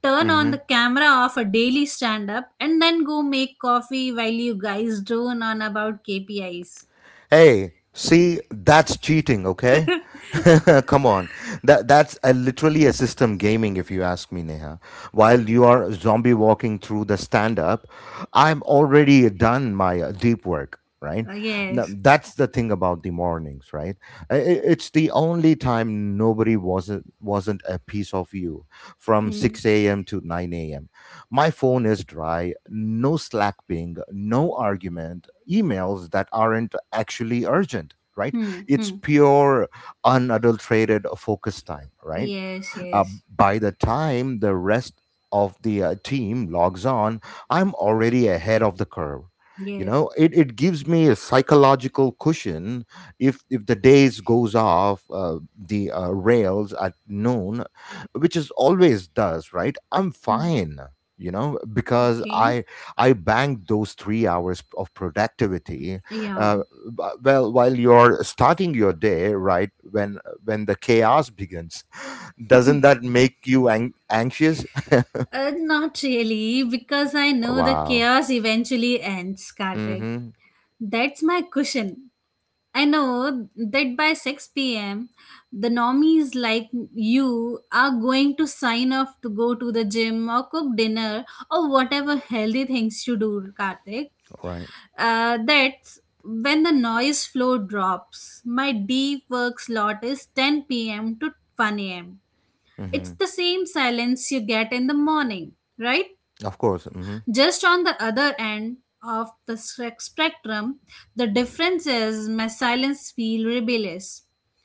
Speaker 2: turn on the
Speaker 1: Hmm.
Speaker 2: camera of a daily stand-up, and then go make coffee while you guys drone on about kpis.
Speaker 1: Hey, see, that's cheating, okay? (laughs) Come on. That that's a, literally a system gaming, if you ask me, Neha. While you are zombie walking through the stand up, I'm already done my deep work, right? Now,
Speaker 2: Yes.
Speaker 1: that's the thing about the mornings, right? It's the only time nobody wasn't a piece of you from
Speaker 2: Hmm.
Speaker 1: 6 a.m. to 9 a.m. My phone is dry, no Slack ping, no argument, emails that aren't actually urgent, right?
Speaker 2: Hmm.
Speaker 1: It's
Speaker 2: Hmm.
Speaker 1: pure, unadulterated focus time, right?
Speaker 2: Yes,
Speaker 1: Uh,
Speaker 2: yes,
Speaker 1: by the time the rest of the team logs on, I'm already ahead of the curve. You
Speaker 2: yes.
Speaker 1: know, it gives me a psychological cushion if the days goes off the rails at noon, which is always does, right? I'm
Speaker 2: Hmm.
Speaker 1: fine, you know, because
Speaker 2: Okay.
Speaker 1: I banked those 3 hours of productivity
Speaker 2: Yeah.
Speaker 1: uh, well while you're starting your day, right? When the chaos begins, doesn't that make you anxious?
Speaker 2: Not really, because I know the
Speaker 1: Wow.
Speaker 2: chaos eventually ends, Kartik.
Speaker 1: Mm-hmm.
Speaker 2: That's my cushion. I know that by 6 p.m., the normies like you are going to sign off to go to the gym or cook dinner or whatever healthy things you do, Karthik.
Speaker 1: Right.
Speaker 2: That's when the noise flow drops. My deep work slot is 10 p.m. to 1 am. It's
Speaker 1: Mm-hmm.
Speaker 2: the same silence you get in the morning, right?
Speaker 1: Of course. Mm-hmm.
Speaker 2: Just on the other end of the spectrum, the difference is my silence feel rebellious.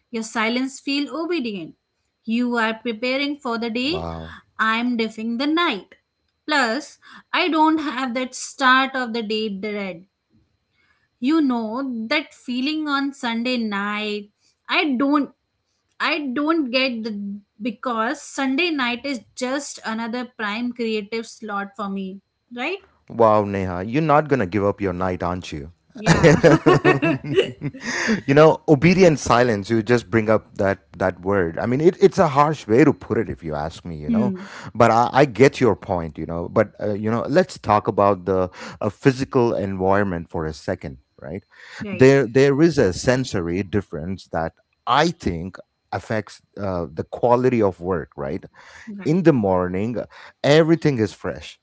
Speaker 2: Your silence feel obedient. You are preparing for the day,
Speaker 1: Wow.
Speaker 2: I'm deafing the night. Plus, I don't have that start of the day dread. You know that feeling on Sunday night. I don't I don't get the because Sunday night is just another prime creative slot for me, right?
Speaker 1: Wow, Neha, you're not going to give up your night, aren't you?
Speaker 2: Yeah.
Speaker 1: (laughs)
Speaker 2: (laughs)
Speaker 1: You know, obedient silence, you just bring up that word. I mean, it, it's a harsh way to put it, if you ask me, you know,
Speaker 2: Hmm.
Speaker 1: but I get your point, you know. But, you know, let's talk about the physical environment for a second, right?
Speaker 2: Right.
Speaker 1: There is a sensory difference that I think affects the quality of work, right?
Speaker 2: Right.
Speaker 1: In the morning, everything is fresh,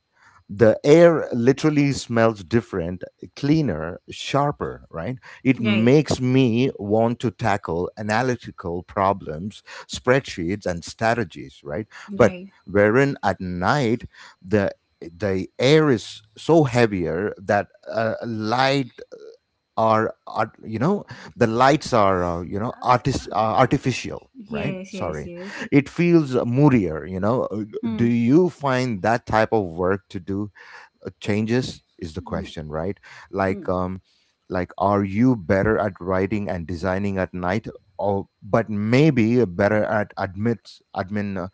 Speaker 1: the air literally smells different, cleaner, sharper, right? It
Speaker 2: Right.
Speaker 1: makes me want to tackle analytical problems, spreadsheets, and strategies, right? But
Speaker 2: Right.
Speaker 1: wherein at night, the the air is so heavier that light are, art you know the lights are you know artist artificial, right?
Speaker 2: Yes. Yes.
Speaker 1: Sorry.
Speaker 2: Yes.
Speaker 1: It feels moodier, you know. Do
Speaker 2: Hmm.
Speaker 1: you find that type of work to do changes, is the question, right? Like, like, are you better at writing and designing at night, or but maybe better at admit admin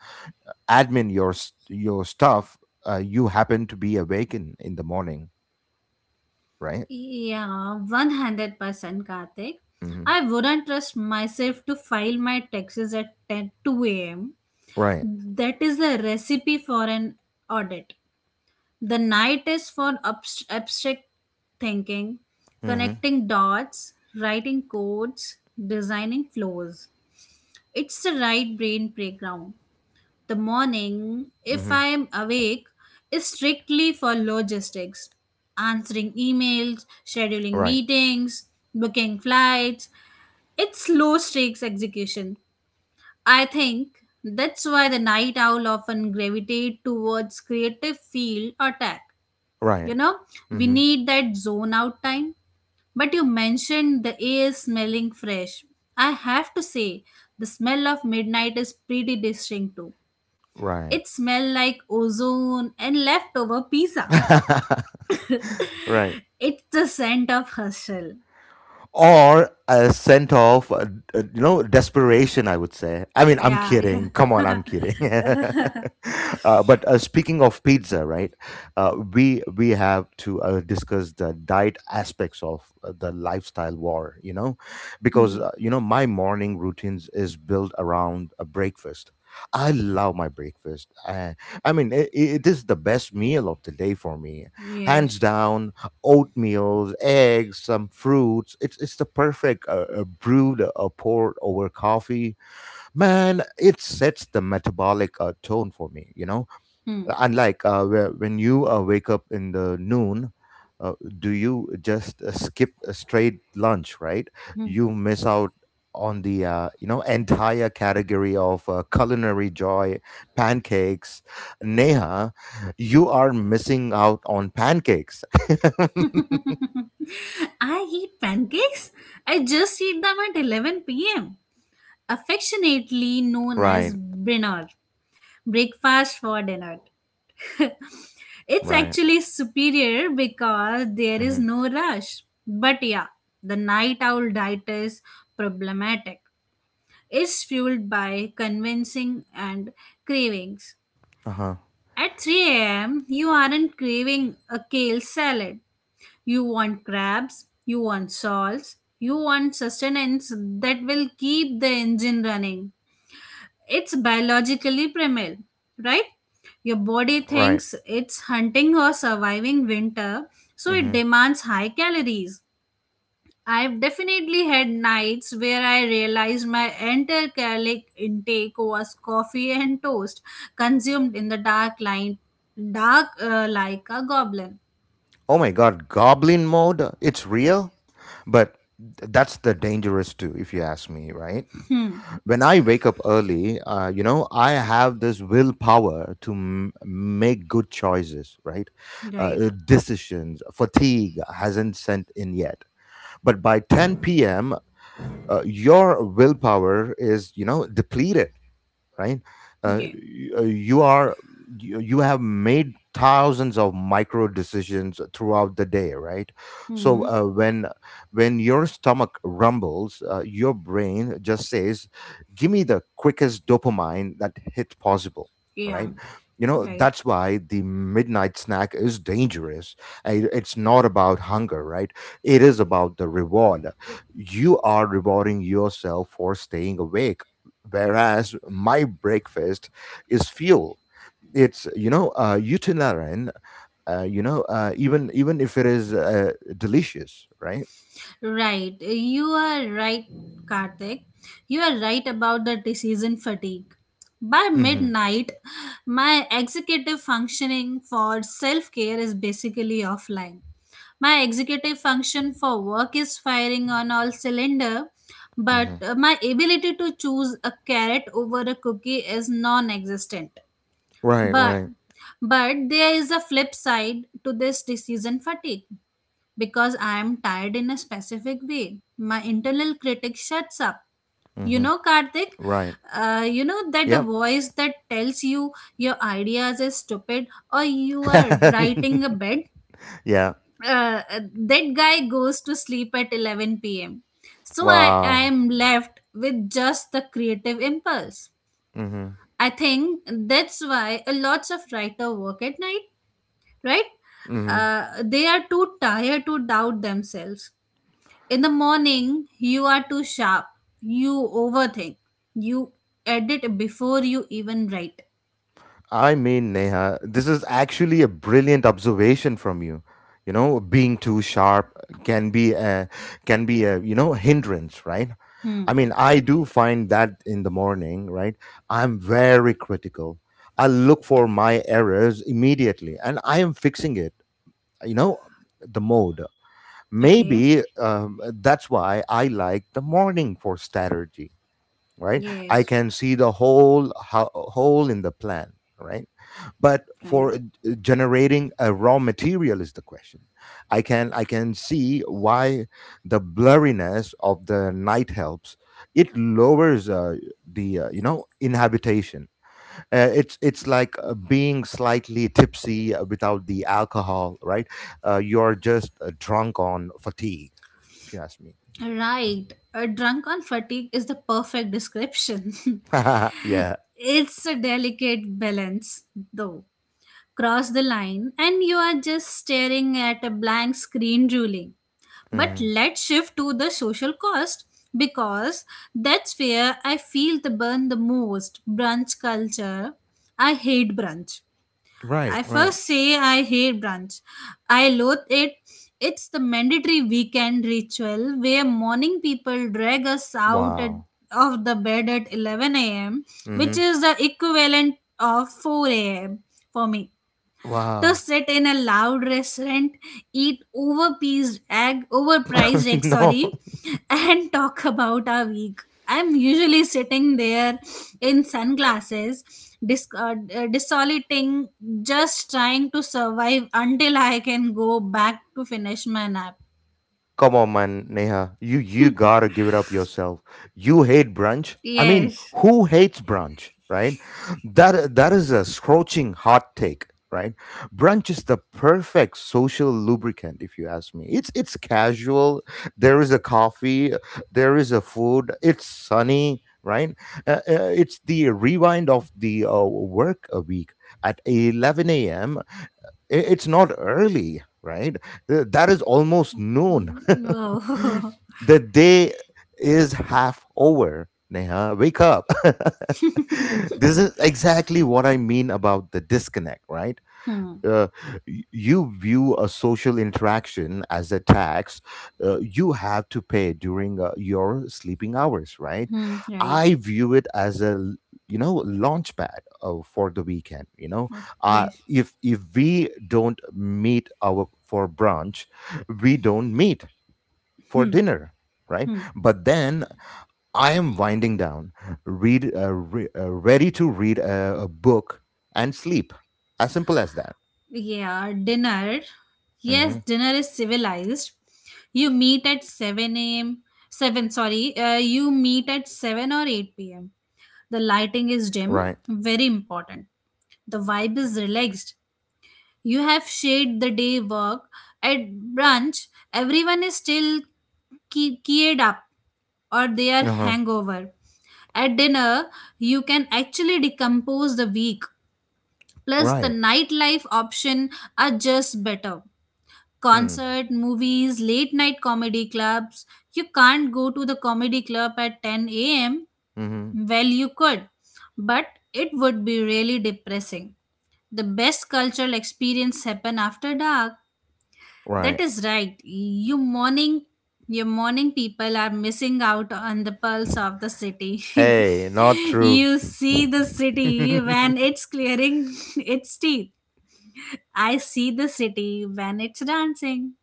Speaker 1: admin your s- your stuff you happen to be awake in, the morning, right?
Speaker 2: Yeah. 100%, Karthik.
Speaker 1: Hmm.
Speaker 2: I wouldn't trust myself to file my taxes at 10 2 a.m.
Speaker 1: Right.
Speaker 2: That is a recipe for an audit. The night is for abstract thinking,
Speaker 1: Hmm.
Speaker 2: connecting dots, writing codes, designing flows. It's the right brain playground. The morning, if
Speaker 1: Hmm.
Speaker 2: I am awake, is strictly for logistics answering emails, scheduling
Speaker 1: Right.
Speaker 2: meetings, booking flights. It's low stakes execution. I think that's why the night owl often gravitate towards creative field or tech. You
Speaker 1: Right.
Speaker 2: know, we
Speaker 1: Hmm.
Speaker 2: need that zone out time. But you mentioned the air smelling fresh. I have to say, the smell of midnight is pretty distinct too.
Speaker 1: Right.
Speaker 2: It smelled like ozone and leftover pizza.
Speaker 1: (laughs) Right.
Speaker 2: It's the scent of hustle.
Speaker 1: Or a scent of desperation, I would say. I mean, I'm
Speaker 2: Yeah. (laughs)
Speaker 1: kidding, come
Speaker 2: Yeah.
Speaker 1: on, I'm kidding. (laughs) But speaking of pizza, right? We have to discuss the diet aspects of the lifestyle war, you know. Because
Speaker 2: Hmm.
Speaker 1: my morning routines is built around a breakfast. I love my breakfast. I mean, it is the best meal of the day for me, hands
Speaker 2: Yes.
Speaker 1: down. Oatmeal, eggs, some fruits. It's the perfect brewed port over coffee. Man, it sets the metabolic tone for me. You know,
Speaker 2: Hmm.
Speaker 1: unlike when you wake up in the noon. Uh, do you just skip a straight lunch, right?
Speaker 2: Hmm.
Speaker 1: You miss out on the entire category of culinary joy, pancakes. Neha, you are missing out on pancakes.
Speaker 2: (laughs) I eat pancakes. I just eat them at 11 p.m. Affectionately
Speaker 1: (laughs)
Speaker 2: known as
Speaker 1: Right,
Speaker 2: Brinner. Breakfast for dinner. It's
Speaker 1: right.
Speaker 2: actually superior because there is
Speaker 1: Hmm.
Speaker 2: no rush. But yeah, the night owl diet is problematic. Is fueled by convincing and cravings.
Speaker 1: Uh huh.
Speaker 2: At 3 a.m., you aren't craving a kale salad. You want crabs, you want salts, you want sustenance that will keep the engine running. It's biologically primal, right? Your body
Speaker 1: Right.
Speaker 2: thinks it's hunting or surviving winter, so it
Speaker 1: Hmm.
Speaker 2: demands high calories. I've definitely had nights where I realized my entire caloric intake was coffee and toast, consumed in the dark line, dark like a goblin.
Speaker 1: Oh my God, goblin mode. It's real, but that's the dangerous too, if you ask me. Right.
Speaker 2: Hmm.
Speaker 1: When I wake up early, I have this willpower to make good choices. Right.
Speaker 2: Right.
Speaker 1: Decisions. Fatigue hasn't sent in yet, but by 10 p.m., your willpower is depleted. Right.
Speaker 2: Yeah.
Speaker 1: You are, you have made thousands of micro decisions throughout the day, right? So
Speaker 2: Hmm.
Speaker 1: when your stomach rumbles, your brain just says, give me the quickest dopamine that hit possible,
Speaker 2: Yeah.
Speaker 1: right? You know,
Speaker 2: Right.
Speaker 1: that's why the midnight snack is dangerous. It's not about hunger, right? It is about the reward. You are rewarding yourself for staying awake, whereas my breakfast is fuel. It's utilitarian, even if it is delicious, right?
Speaker 2: Right. You are right, Karthik. You are right about the decision fatigue. By
Speaker 1: Mm-hmm.
Speaker 2: midnight, my executive functioning for self care is basically offline. My executive function for work is firing on all cylinder, but
Speaker 1: Mm-hmm.
Speaker 2: my ability to choose a carrot over a cookie is non-existent.
Speaker 1: Right,
Speaker 2: But
Speaker 1: right.
Speaker 2: but there is a flip side to this decision fatigue because I am tired in a specific way. My internal critic shuts up. You
Speaker 1: Mm-hmm.
Speaker 2: know, Karthik,
Speaker 1: Right.
Speaker 2: you know that the
Speaker 1: Yep.
Speaker 2: voice that tells you your ideas are stupid or you are writing a
Speaker 1: (laughs)
Speaker 2: bed,
Speaker 1: Yeah.
Speaker 2: that guy goes to sleep at 11 pm. So I
Speaker 1: Wow.
Speaker 2: am left with just the creative impulse.
Speaker 1: Mm-hmm.
Speaker 2: I think that's why a lots of writer work at night, right?
Speaker 1: Mm-hmm.
Speaker 2: They are too tired to doubt themselves. In the morning, you are too sharp. You overthink. You edit before you even write.
Speaker 1: I mean, Neha, this is actually a brilliant observation from you. You know, being too sharp can be a, can be a you know, hindrance, right?
Speaker 2: Hmm.
Speaker 1: I mean, I do find that in the morning, right? I'm very critical. I look for my errors immediately and I am fixing it, you know, the mode.
Speaker 2: Okay.
Speaker 1: Maybe that's why I like the morning for strategy, right? I
Speaker 2: Yes.
Speaker 1: can see the whole whole in the plan, right? But
Speaker 2: Right.
Speaker 1: for generating a raw material is the question. I can see why the blurriness of the night helps. It lowers the you know, inhabitation. It's like being slightly tipsy without the alcohol, right? You're just drunk on fatigue, if you ask me.
Speaker 2: Right. A drunk on fatigue is the perfect description. (laughs)
Speaker 1: (laughs) Yeah.
Speaker 2: It's a delicate balance, though. Cross the line, and you are just staring at a blank screen, drooling. But
Speaker 1: Hmm.
Speaker 2: let's shift to the social cost because that's where I feel the burn the most. Brunch culture. I hate brunch.
Speaker 1: Right,
Speaker 2: I
Speaker 1: right.
Speaker 2: first say I hate brunch. I loathe it. It's the mandatory weekend ritual where morning people drag us out
Speaker 1: Wow.
Speaker 2: of the bed at 11 a.m., which
Speaker 1: Mhm.
Speaker 2: is the equivalent of 4 a.m. for me, to
Speaker 1: Wow.
Speaker 2: sit in a loud restaurant, eat overpriced egg,
Speaker 1: (laughs) No.
Speaker 2: sorry, (laughs) and talk about our week. I'm usually sitting there in sunglasses, desolating, just trying to survive until I can go back to finish my nap.
Speaker 1: Come on, man, Neha. You gotta give it up yourself. You hate brunch. I mean,
Speaker 2: Yes. (laughs)
Speaker 1: who hates brunch, right? That that is a scorching hot take, right? Brunch is the perfect social lubricant, if you ask me. It's casual. There is a coffee. There is a food. It's sunny, right? It's the rewind of the work a week at 11 a.m. It's not early, right? That is almost noon. (laughs)
Speaker 2: Oh.
Speaker 1: The day is half over, Neha, wake up. (laughs) This is exactly what I mean about the disconnect, right?
Speaker 2: Hmm.
Speaker 1: uh, you view a social interaction as a tax you have to pay during your sleeping hours, right?
Speaker 2: Hmm. Right.
Speaker 1: I view it as a you know, launch pad for the weekend. You know,
Speaker 2: Oh, yes.
Speaker 1: if we don't meet our for brunch, we don't meet for
Speaker 2: Hmm.
Speaker 1: dinner, right?
Speaker 2: Hmm.
Speaker 1: But then I am winding down, ready to read a book and sleep. As simple as that.
Speaker 2: Yeah, dinner. Yes,
Speaker 1: Mm-hmm.
Speaker 2: dinner is civilized. You meet at 7 a.m. 7, sorry. You meet at 7 or 8 p.m. The lighting is dim,
Speaker 1: Right.
Speaker 2: very important. The vibe is relaxed. You have shared the day work. At brunch, everyone is still keyed up or they are
Speaker 1: Uh huh.
Speaker 2: hangover. At dinner, you can actually decompose the week. Plus, the
Speaker 1: Right.
Speaker 2: nightlife option are just better
Speaker 1: Hmm.
Speaker 2: concert, movies, late night comedy clubs. You can't go to the comedy club at 10 a.m.
Speaker 1: Mm-hmm.
Speaker 2: Well, you could, but it would be really depressing. The best cultural experience happen after dark. That
Speaker 1: Right.
Speaker 2: is right. Your morning people are missing out on the pulse of the city. (laughs)
Speaker 1: Hey, not true.
Speaker 2: You see the city when
Speaker 1: (laughs)
Speaker 2: it's clearing (laughs) its teeth. I see the city when it's dancing.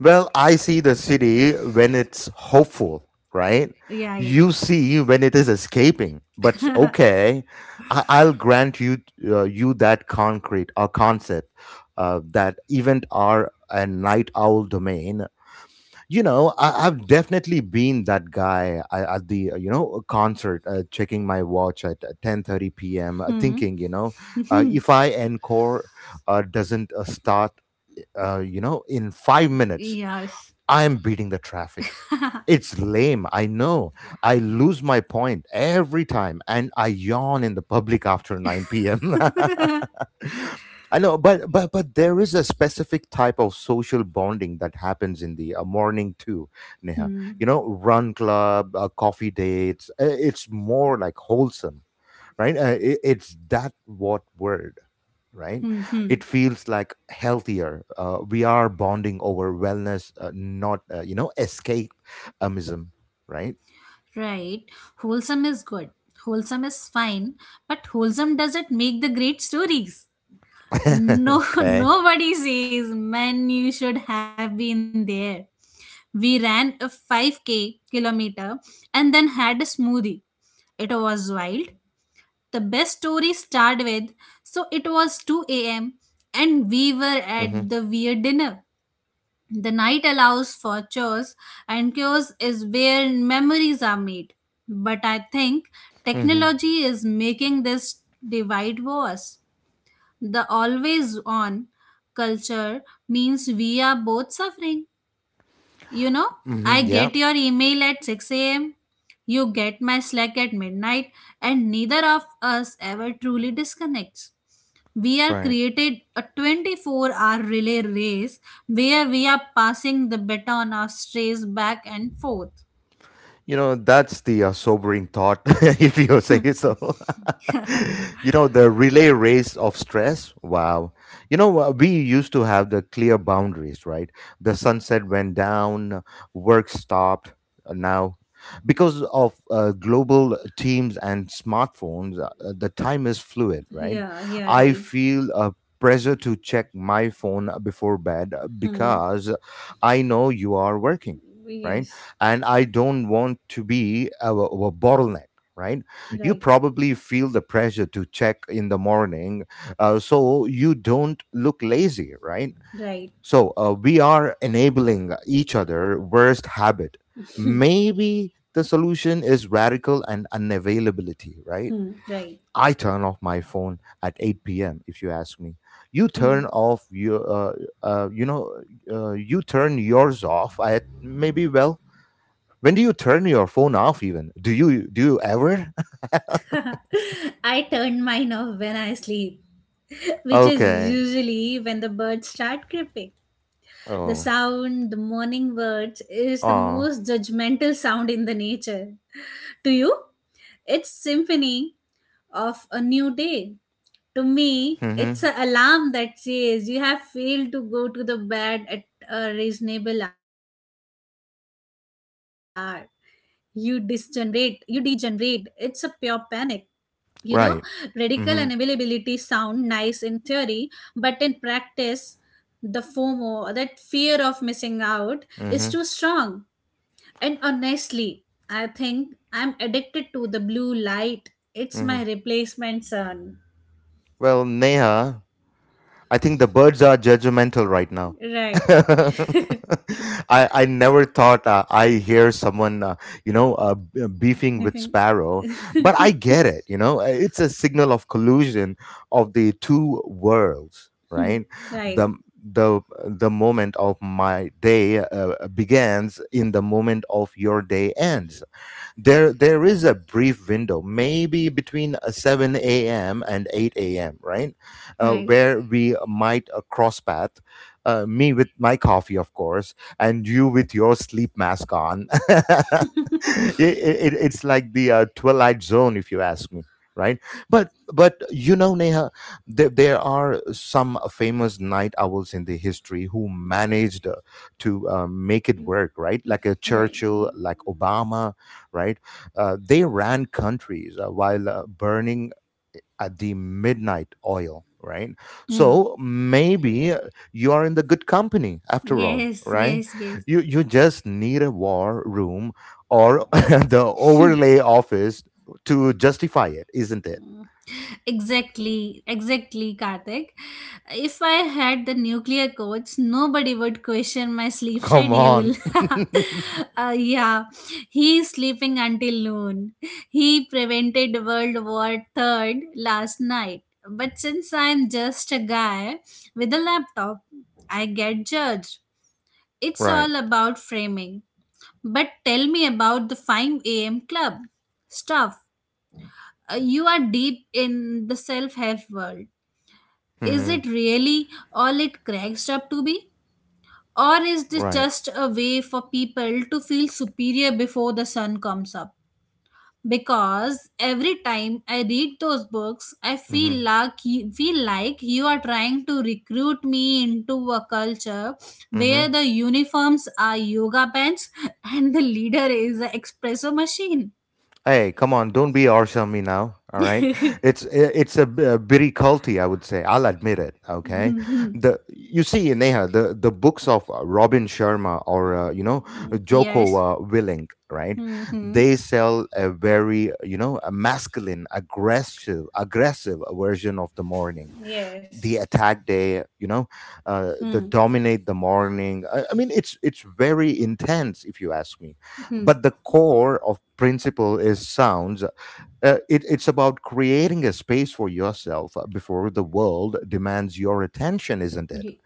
Speaker 1: Well, I see the city when it's hopeful, right?
Speaker 2: Yeah.
Speaker 1: You see when it is escaping. But okay, I'll grant you that concrete or concept, that event are a night owl domain. You know, I've definitely been that guy, at the concert, checking my watch at 10:30 p.m., thinking, you know, if I encore doesn't start in 5 minutes,
Speaker 2: Yes.
Speaker 1: I'm beating the traffic. It's lame, I know. I lose my point every time and I yawn in the public after 9 p.m. (laughs) I know, but, but there is a specific type of social bonding that happens in the morning too, Neha.
Speaker 2: Hmm.
Speaker 1: You know, run club, coffee dates. It's more like wholesome, right? It's that what word, right?
Speaker 2: Hmm. Hmm.
Speaker 1: It feels like healthier. We are bonding over wellness, not escapism, right?
Speaker 2: Right. Wholesome is good. Wholesome is fine. But wholesome doesn't make the great stories. No,
Speaker 1: (laughs)
Speaker 2: (laughs)
Speaker 1: Okay.
Speaker 2: nobody says, man, you should have been there. We ran a 5K kilometer and then had a smoothie. It was wild. The best story started with, so it was 2 a.m. and we were
Speaker 1: Mm-hmm.
Speaker 2: at the weird dinner. The night allows for chores, and chores is where memories are made. But I think
Speaker 1: Mm-hmm.
Speaker 2: technology is making this divide worse. The always on culture means we are both suffering. You know, I
Speaker 1: Mm-hmm. Yeah.
Speaker 2: get your email at 6 a.m., you get my Slack at midnight, and neither of us ever truly disconnects. We are
Speaker 1: Right.
Speaker 2: created a 24-hour relay race where we are passing the baton of strays back and forth.
Speaker 1: You know, that's the sobering thought, (laughs) if you say so. (laughs) You know, the relay race of stress. Wow. You know, we used to have the clear boundaries, right? The sunset went down, work stopped. Now, because of global teams and smartphones, the time is fluid, right?
Speaker 2: Yeah, yeah,
Speaker 1: I
Speaker 2: right.
Speaker 1: feel a pressure to check my phone before bed
Speaker 2: Hmm.
Speaker 1: because I know you are working, right?
Speaker 2: Yes,
Speaker 1: And I don't want to be a bottleneck. Right, you
Speaker 2: right,
Speaker 1: probably feel the pressure to check in the morning, so you don't look lazy. Right,
Speaker 2: right.
Speaker 1: so we are enabling each other worst habit. Maybe the solution is radical and unavailability. Right,
Speaker 2: Hmm, right.
Speaker 1: I turn off my phone at eight p.m. If you ask me, you
Speaker 2: Hmm.
Speaker 1: turn off your, uh, you know, you turn yours off at maybe, well, when do you turn your phone off? Even, do you ever? (laughs)
Speaker 2: (laughs) I turn mine off when I sleep, (laughs) which is
Speaker 1: Okay.
Speaker 2: usually when the birds start creeping. The
Speaker 1: Oh.
Speaker 2: sound, the morning birds is the
Speaker 1: Oh.
Speaker 2: most judgmental sound in the nature. To you, it's symphony of a new day. To me,
Speaker 1: Mm-hmm.
Speaker 2: it's an alarm that says you have failed to go to the bed at a reasonable hour. You degenerate. You degenerate. It's a pure panic. You know, radical
Speaker 1: Right.
Speaker 2: unavailability
Speaker 1: Mm-hmm.
Speaker 2: sound nice in theory, but in practice, the FOMO, that fear of missing out, is
Speaker 1: Mm-hmm.
Speaker 2: too strong. And honestly, I think I'm addicted to the blue light. It's
Speaker 1: Mm-hmm.
Speaker 2: my replacement sun.
Speaker 1: Well, Neha, I think the birds are judgmental right now.
Speaker 2: Right.
Speaker 1: (laughs) I never thought I hear someone beefing with
Speaker 2: Nothing.
Speaker 1: Sparrow, but I get it. You know, it's a signal of collusion of the two worlds, right?
Speaker 2: Right.
Speaker 1: The the moment of my day begins in the moment of your day ends. There is a brief window maybe between 7 a.m and 8 a.m, right?
Speaker 2: Right.
Speaker 1: Where we might cross path, me with my coffee, of course, and you with your sleep mask on. (laughs) It's like the twilight zone, if you ask me, right? But you know, Neha, there are some famous night owls in the history who managed to make it work, right? Like a
Speaker 2: Right.
Speaker 1: Churchill, like Obama, right? They ran countries while burning at the midnight oil, right?
Speaker 2: Mm.
Speaker 1: So maybe you are in the good company after all,
Speaker 2: Yes.
Speaker 1: right?
Speaker 2: Yes. Yes.
Speaker 1: You just need a war room or (laughs) the overlay office to justify it, isn't it?
Speaker 2: Exactly, exactly, Karthik. If I had the nuclear codes, nobody would question my sleep
Speaker 1: Come on,
Speaker 2: schedule. (laughs) Yeah, he's sleeping until noon. He prevented World War Third last night. But since I'm just a guy with a laptop, I get judged. It's
Speaker 1: (laughs) right?
Speaker 2: all about framing. But tell me about the 5 a.m. club stuff. You are deep in the self help world. Is
Speaker 1: Mm-hmm.
Speaker 2: it really all it cracks up to be? Or is this
Speaker 1: Right.
Speaker 2: just a way for people to feel superior before the sun comes up? Because every time I read those books, I feel
Speaker 1: Mm-hmm.
Speaker 2: like feel like you are trying to recruit me into a culture
Speaker 1: Mm-hmm.
Speaker 2: where the uniforms are yoga pants (laughs) and the leader is an espresso machine.
Speaker 1: Hey, come on! Don't be harsh on me now. All right, it's it's a, a bitty culty, I would say. I'll admit it. Okay, the you see, Neha, the books of Robin Sharma or Joko
Speaker 2: Yes.
Speaker 1: Willink, right?
Speaker 2: Hmm. Hmm.
Speaker 1: They sell a very, you know, a masculine, aggressive version of the morning,
Speaker 2: Yes.
Speaker 1: the attack day, you know, the
Speaker 2: Hmm.
Speaker 1: dominate the morning. I mean, it's very intense if you ask me, but the core of principle is sounds. It's about creating a space for yourself before the world demands your attention, isn't it?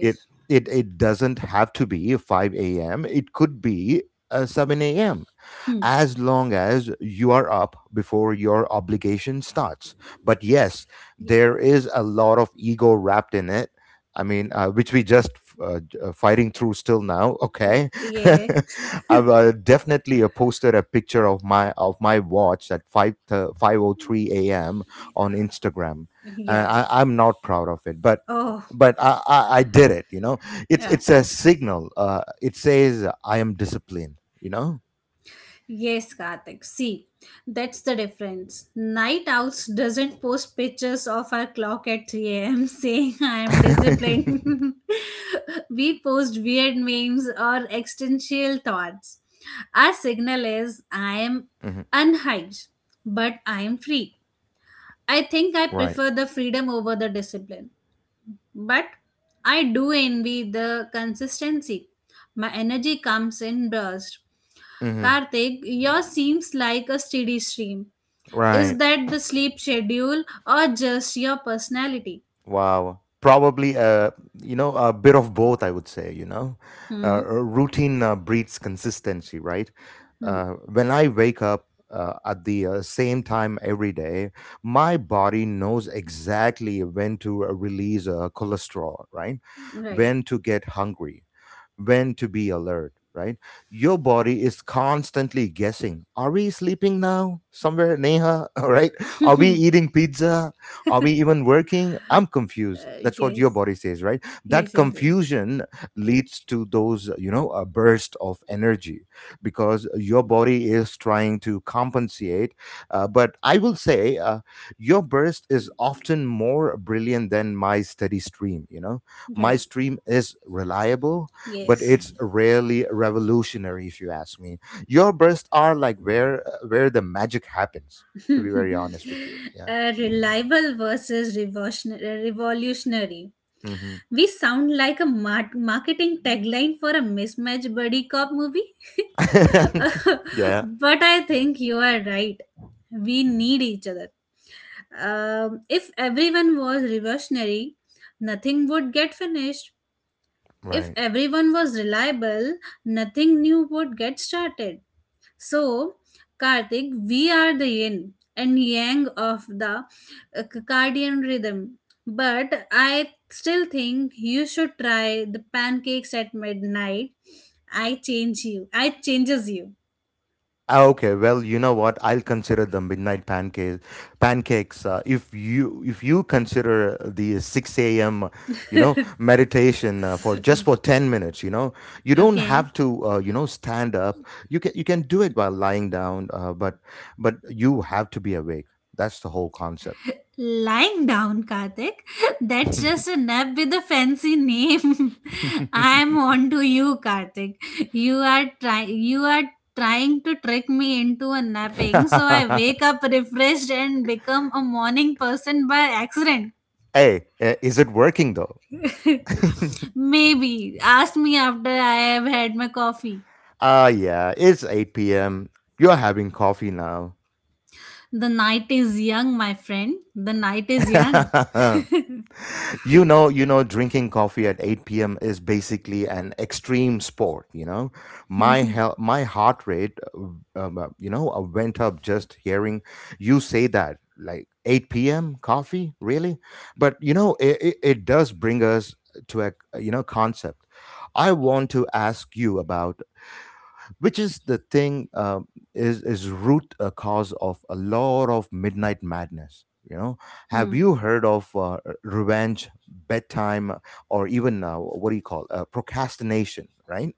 Speaker 1: it it doesn't have to be 5 a.m, it could be 7 a.m
Speaker 2: Hmm.
Speaker 1: as long as you are up before your obligation starts. But yes,
Speaker 2: Yeah.
Speaker 1: there is a lot of ego wrapped in it. I mean, which we just fighting through still now. Okay,
Speaker 2: Yeah,
Speaker 1: (laughs) I've definitely posted a picture of my watch at five o three a.m. on Instagram.
Speaker 2: yeah.
Speaker 1: I'm not proud of it, but
Speaker 2: Oh,
Speaker 1: I did it. You know, it's
Speaker 2: yeah.
Speaker 1: it's a signal. It says I am disciplined. You know.
Speaker 2: Yes, Karthik. See, that's the difference. Night Owls doesn't post pictures of our clock at 3 a.m. (laughs) saying I am
Speaker 1: (laughs)
Speaker 2: disciplined. (laughs) We post weird memes or existential thoughts. Our signal is I am
Speaker 1: Hmm.
Speaker 2: unhinged, but I am free. I think I
Speaker 1: Right.
Speaker 2: prefer the freedom over the discipline. But I do envy the consistency. My energy comes in bursts.
Speaker 1: Hmm.
Speaker 2: Karthik, yours seems like a steady stream. Is
Speaker 1: Right.
Speaker 2: that the sleep schedule or just your personality?
Speaker 1: Wow. Probably a, a bit of both, I would say. You know,
Speaker 2: Hmm.
Speaker 1: routine breeds consistency, right?
Speaker 2: Hmm.
Speaker 1: When I wake up at the same time every day, my body knows exactly when to release cholesterol, right?
Speaker 2: Right.
Speaker 1: When to get hungry, when to be alert, right? Your body is constantly guessing. Are we sleeping now? Somewhere, Neha, (laughs) all right? Are we eating pizza? Are we even working? I'm confused.
Speaker 2: Uh,
Speaker 1: That's what your
Speaker 2: yes.
Speaker 1: body says, right? That
Speaker 2: Yes. Yes. yes.
Speaker 1: confusion leads to those, you know, a burst of energy because your body is trying to compensate. But I will say, your burst is often more brilliant than my steady stream. You know, my
Speaker 2: Right.
Speaker 1: stream is reliable but
Speaker 2: Yes.
Speaker 1: it's rarely revolutionary, if you ask me. Your breasts are like where the magic happens, to be very honest with you. Yeah.
Speaker 2: Reliable versus revolutionary.
Speaker 1: Hmm.
Speaker 2: We sound like a marketing tagline for a mismatched buddy cop movie. (laughs)
Speaker 1: (laughs) Yeah.
Speaker 2: But I think you are right. We need each other. If everyone was reversionary, nothing would get finished. If
Speaker 1: Right.
Speaker 2: everyone was reliable, nothing new would get started. So, Karthik, we are the yin and yang of the circadian rhythm. But I still think you should try the pancakes at midnight. I change you. I changes you.
Speaker 1: Ah, okay, well, you know what? I'll consider the midnight pancakes. Pancakes. If you if you consider the six a.m. you know meditation for just for 10 minutes, you know, you don't
Speaker 2: Okay.
Speaker 1: have to stand up. You can do it while lying down, but but you have to be awake. That's the whole concept.
Speaker 2: Lying down, Karthik. (laughs) That's
Speaker 1: (laughs)
Speaker 2: just a nap with a fancy name. (laughs) I'm on to you, Karthik. You are trying. You are trying to trick me into a napping, so I wake up refreshed and become a morning person by accident.
Speaker 1: Hey, is it working though? (laughs)
Speaker 2: Maybe ask me after I have had my coffee.
Speaker 1: Ah, yeah, it's eight p.m. You're having coffee now.
Speaker 2: The night is young, my friend. The night is young.
Speaker 1: (laughs) You know, drinking coffee at 8 p.m. is basically an extreme sport. You know, my my heart rate, went up just hearing you say that. Like 8 p.m. coffee, really? But it does bring us to a concept I want to ask you about, which is the thing, is root a cause of a lot of midnight madness. Have
Speaker 2: Hmm.
Speaker 1: you heard of revenge bedtime, or even, what do you call, procrastination? Right,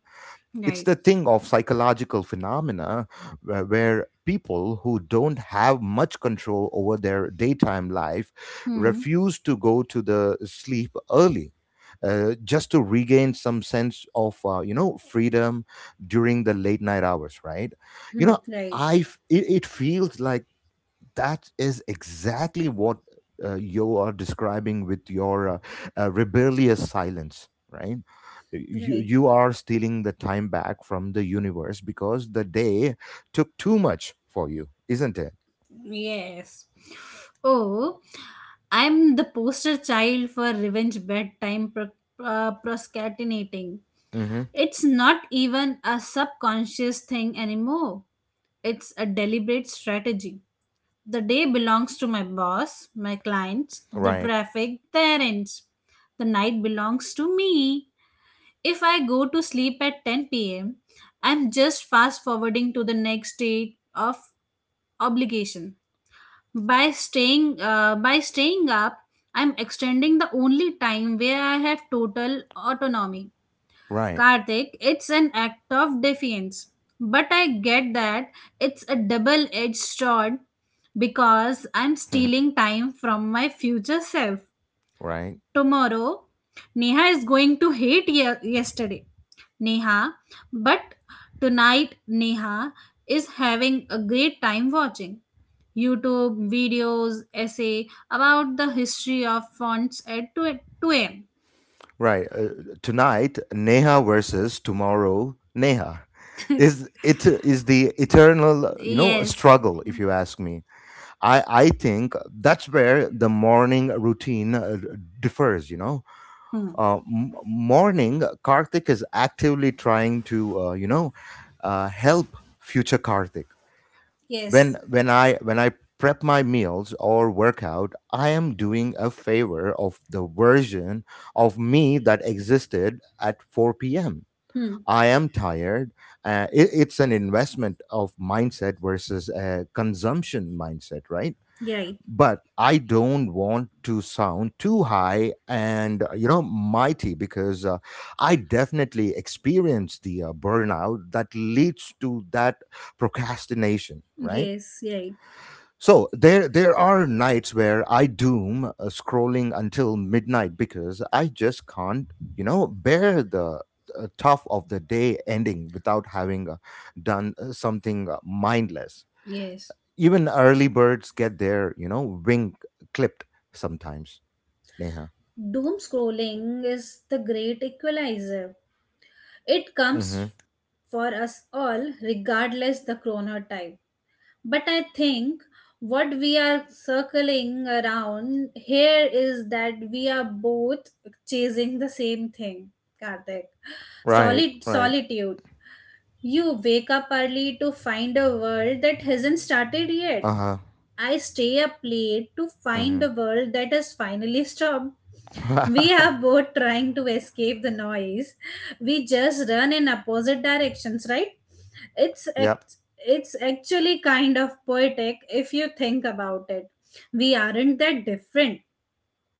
Speaker 1: it's
Speaker 2: Right.
Speaker 1: the thing of psychological phenomena where, people who don't have much control over their daytime life
Speaker 2: Hmm.
Speaker 1: refuse to go to the sleep early, just to regain some sense of freedom during the late night hours, right? you
Speaker 2: Hmm.
Speaker 1: know
Speaker 2: Right.
Speaker 1: it feels like that is exactly what you are describing with your rebellious silence, right? you
Speaker 2: Right.
Speaker 1: you are stealing the time back from the universe because the day took too much for you, isn't it?
Speaker 2: Yes. Oh, I'm the poster child for revenge bedtime procrastinating.
Speaker 1: Hmm.
Speaker 2: It's not even a subconscious thing anymore. It's a deliberate strategy. The day belongs to my boss, my clients, the
Speaker 1: Right.
Speaker 2: traffic, the errands. The night belongs to me. If I go to sleep at 10 p.m., I'm just fast forwarding to the next state of obligation by staying up. I'm extending the only time where I have total autonomy.
Speaker 1: Right.
Speaker 2: Karthik, it's an act of defiance, but I get that it's a double edged sword because I'm
Speaker 1: (laughs)
Speaker 2: stealing time from my future self.
Speaker 1: Right.
Speaker 2: Tomorrow Neha is going to hate yesterday Neha, but tonight Neha is having a great time watching YouTube videos, essay about the history of fonts at two a.m.
Speaker 1: Right. Tonight Neha versus tomorrow Neha, is it? Is the eternal
Speaker 2: Yes.
Speaker 1: struggle, if you ask me. I think that's where the morning routine, differs, you know.
Speaker 2: Hmm.
Speaker 1: Morning Karthik is actively trying to, help future Karthik. When
Speaker 2: Yes.
Speaker 1: when I when I prep my meals or workout, I am doing a favor of the version of me that existed at 4 p.m.
Speaker 2: Hmm.
Speaker 1: I am tired. It's an investment of mindset versus a consumption mindset, right?
Speaker 2: You're right.
Speaker 1: But I don't want to sound too high and, mighty, because I definitely experience the burnout that leads to that procrastination, right?
Speaker 2: Yes, right.
Speaker 1: So there are nights where I doom scrolling until midnight because I just can't, you know, bear the tough of the day ending without having done something mindless.
Speaker 2: Yes.
Speaker 1: Even early birds get their, you know, wing clipped sometimes, Neha.
Speaker 2: Doom scrolling is the great equalizer. It
Speaker 1: Mm-hmm.
Speaker 2: comes for us all regardless the chronotype. But I think what we are circling around here is that we are both chasing the same thing, Karthik.
Speaker 1: Right,
Speaker 2: Solid
Speaker 1: right.
Speaker 2: solitude. You wake up early to find a world that hasn't started yet.
Speaker 1: Uh-huh.
Speaker 2: I stay up late to find the world that has finally stopped. We
Speaker 1: Mm-hmm.
Speaker 2: are
Speaker 1: (laughs)
Speaker 2: both trying to escape the noise. We just run in opposite directions, right? It's
Speaker 1: Yep.
Speaker 2: act- it's actually kind of poetic if you think about it. We aren't that different.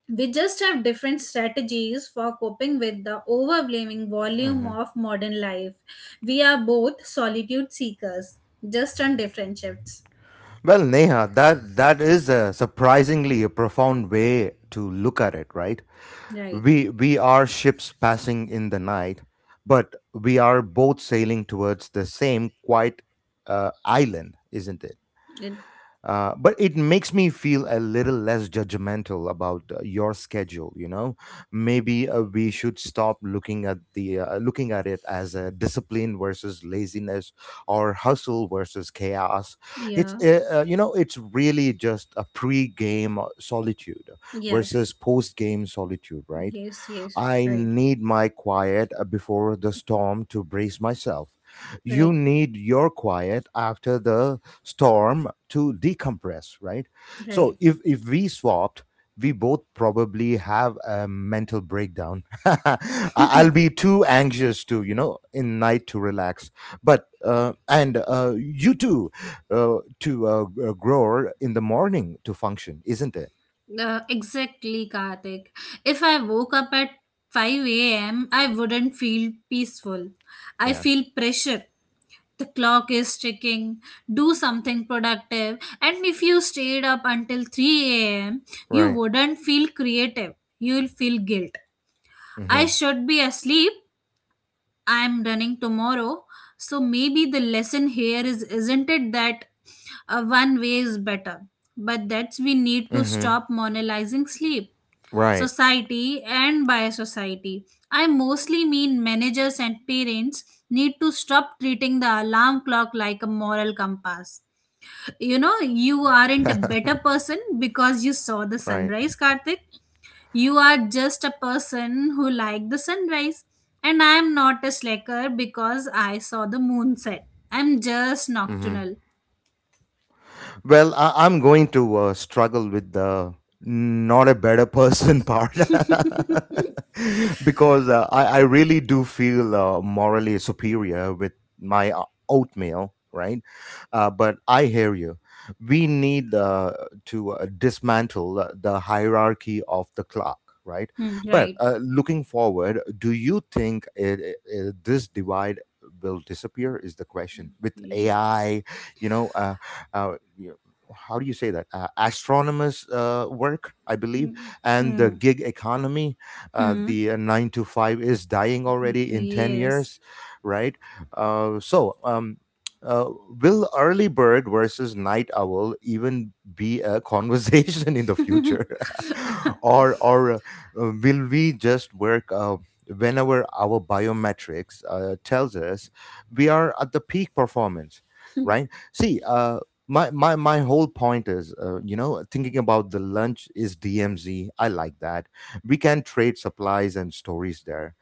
Speaker 2: We just have different strategies for coping with the overwhelming volume of modern life. We are both solitude seekers, just on different shifts.
Speaker 1: Well, Neha, that is a surprisingly a profound way to look at it, right?
Speaker 2: Right.
Speaker 1: We are ships passing in the night, but we are both sailing towards the same quiet island, isn't it?
Speaker 2: It
Speaker 1: But it makes me feel a little less judgmental about your schedule, you know. Maybe we should stop looking at the, looking at it as a discipline versus laziness, or hustle versus chaos. it's
Speaker 2: Yeah.
Speaker 1: uh, uh, you know, it's really just a pre-game solitude
Speaker 2: Yes.
Speaker 1: versus post-game solitude, right?
Speaker 2: Yes. Yes.
Speaker 1: I
Speaker 2: Right.
Speaker 1: need my quiet before the storm to brace myself. You
Speaker 2: Right.
Speaker 1: need your quiet after the storm to decompress, right? So
Speaker 2: Right.
Speaker 1: if we swapped, we both probably have a mental breakdown. (laughs) I'll be too anxious to, you know, in night to relax. But and you too, grow in the morning to function, isn't it?
Speaker 2: Exactly, Karthik. If I woke up at 5 a.m., I wouldn't feel peaceful. I
Speaker 1: Yeah.
Speaker 2: feel pressure. The clock is ticking. Do something productive. And if you stayed up until 3 a.m., you
Speaker 1: Right.
Speaker 2: wouldn't feel creative. You'll feel guilt. I
Speaker 1: Mhm.
Speaker 2: should be asleep, I'm running tomorrow. So maybe the lesson here is isn't it that one way is better, but that's we need to
Speaker 1: Mhm.
Speaker 2: stop monetizing sleep.
Speaker 1: Right.
Speaker 2: Society, and by society, I mostly mean managers and parents, need to stop treating the alarm clock like a moral compass. You know, you aren't a better person because you saw the
Speaker 1: Right.
Speaker 2: sunrise, Karthik. You are just a person who liked the sunrise, and I am not a slacker because I saw the moon set. I'm just
Speaker 1: Mm-hmm.
Speaker 2: nocturnal.
Speaker 1: Well, I'm going to struggle with the not a better person (laughs) part, (laughs) because I really do feel morally superior with my oatmeal, right? But I hear you. We need to dismantle the hierarchy of the clock. Right,
Speaker 2: Hmm,
Speaker 1: but
Speaker 2: right.
Speaker 1: looking forward, do you think this divide will disappear, is the question, with
Speaker 2: Ye-
Speaker 1: AI? You know, uh, how do you say that, astronomers work, I believe, and the
Speaker 2: hmm.
Speaker 1: gig economy,
Speaker 2: Hmm.
Speaker 1: the, 9 to 5 is dying already in 10
Speaker 2: Yes.
Speaker 1: years, right? uh, so um, uh, will early bird versus night owl even be a conversation (laughs) in the future, (laughs) or will we just work whenever our biometrics tells us we are at the peak performance, right? See, my whole point is, you know, thinking about the lunch is DMZ, I like that. We can trade supplies and stories there.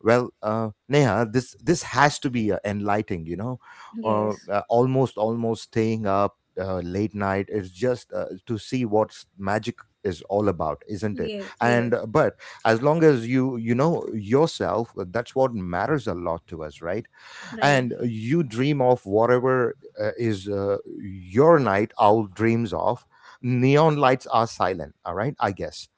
Speaker 1: Well, Neha, this has to be enlightening, you know.
Speaker 2: Yes.
Speaker 1: Almost staying up late night is just to see what's magic is all about, isn't it?
Speaker 2: Yes.
Speaker 1: And
Speaker 2: Yes.
Speaker 1: but as long as you, you know, yourself, that's what matters a lot to us, right?
Speaker 2: Right.
Speaker 1: And you dream of whatever is your night owl dreams of. Neon lights are silent, all right, I guess.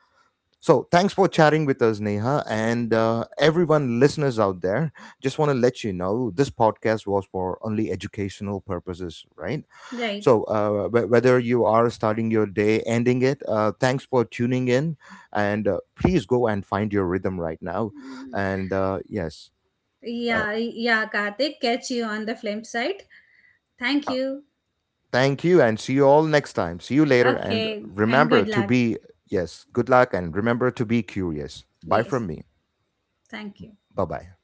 Speaker 1: So thanks for chatting with us, Neha, and everyone, listeners out there, just want to let you know this podcast was for only educational purposes, right?
Speaker 2: Right.
Speaker 1: So whether you are starting your day ending it, thanks for tuning in, and please go and find your rhythm right now, and uh, uh,
Speaker 2: Yeah. Yeah, Karthik, catch you on the flip side. Thank you.
Speaker 1: thank you and see you all next time. See you later and
Speaker 2: Okay, and
Speaker 1: remember
Speaker 2: good
Speaker 1: to
Speaker 2: luck.
Speaker 1: be, yes, good luck and remember to be curious. Bye
Speaker 2: Yes.
Speaker 1: from me.
Speaker 2: Thank you.
Speaker 1: Bye bye.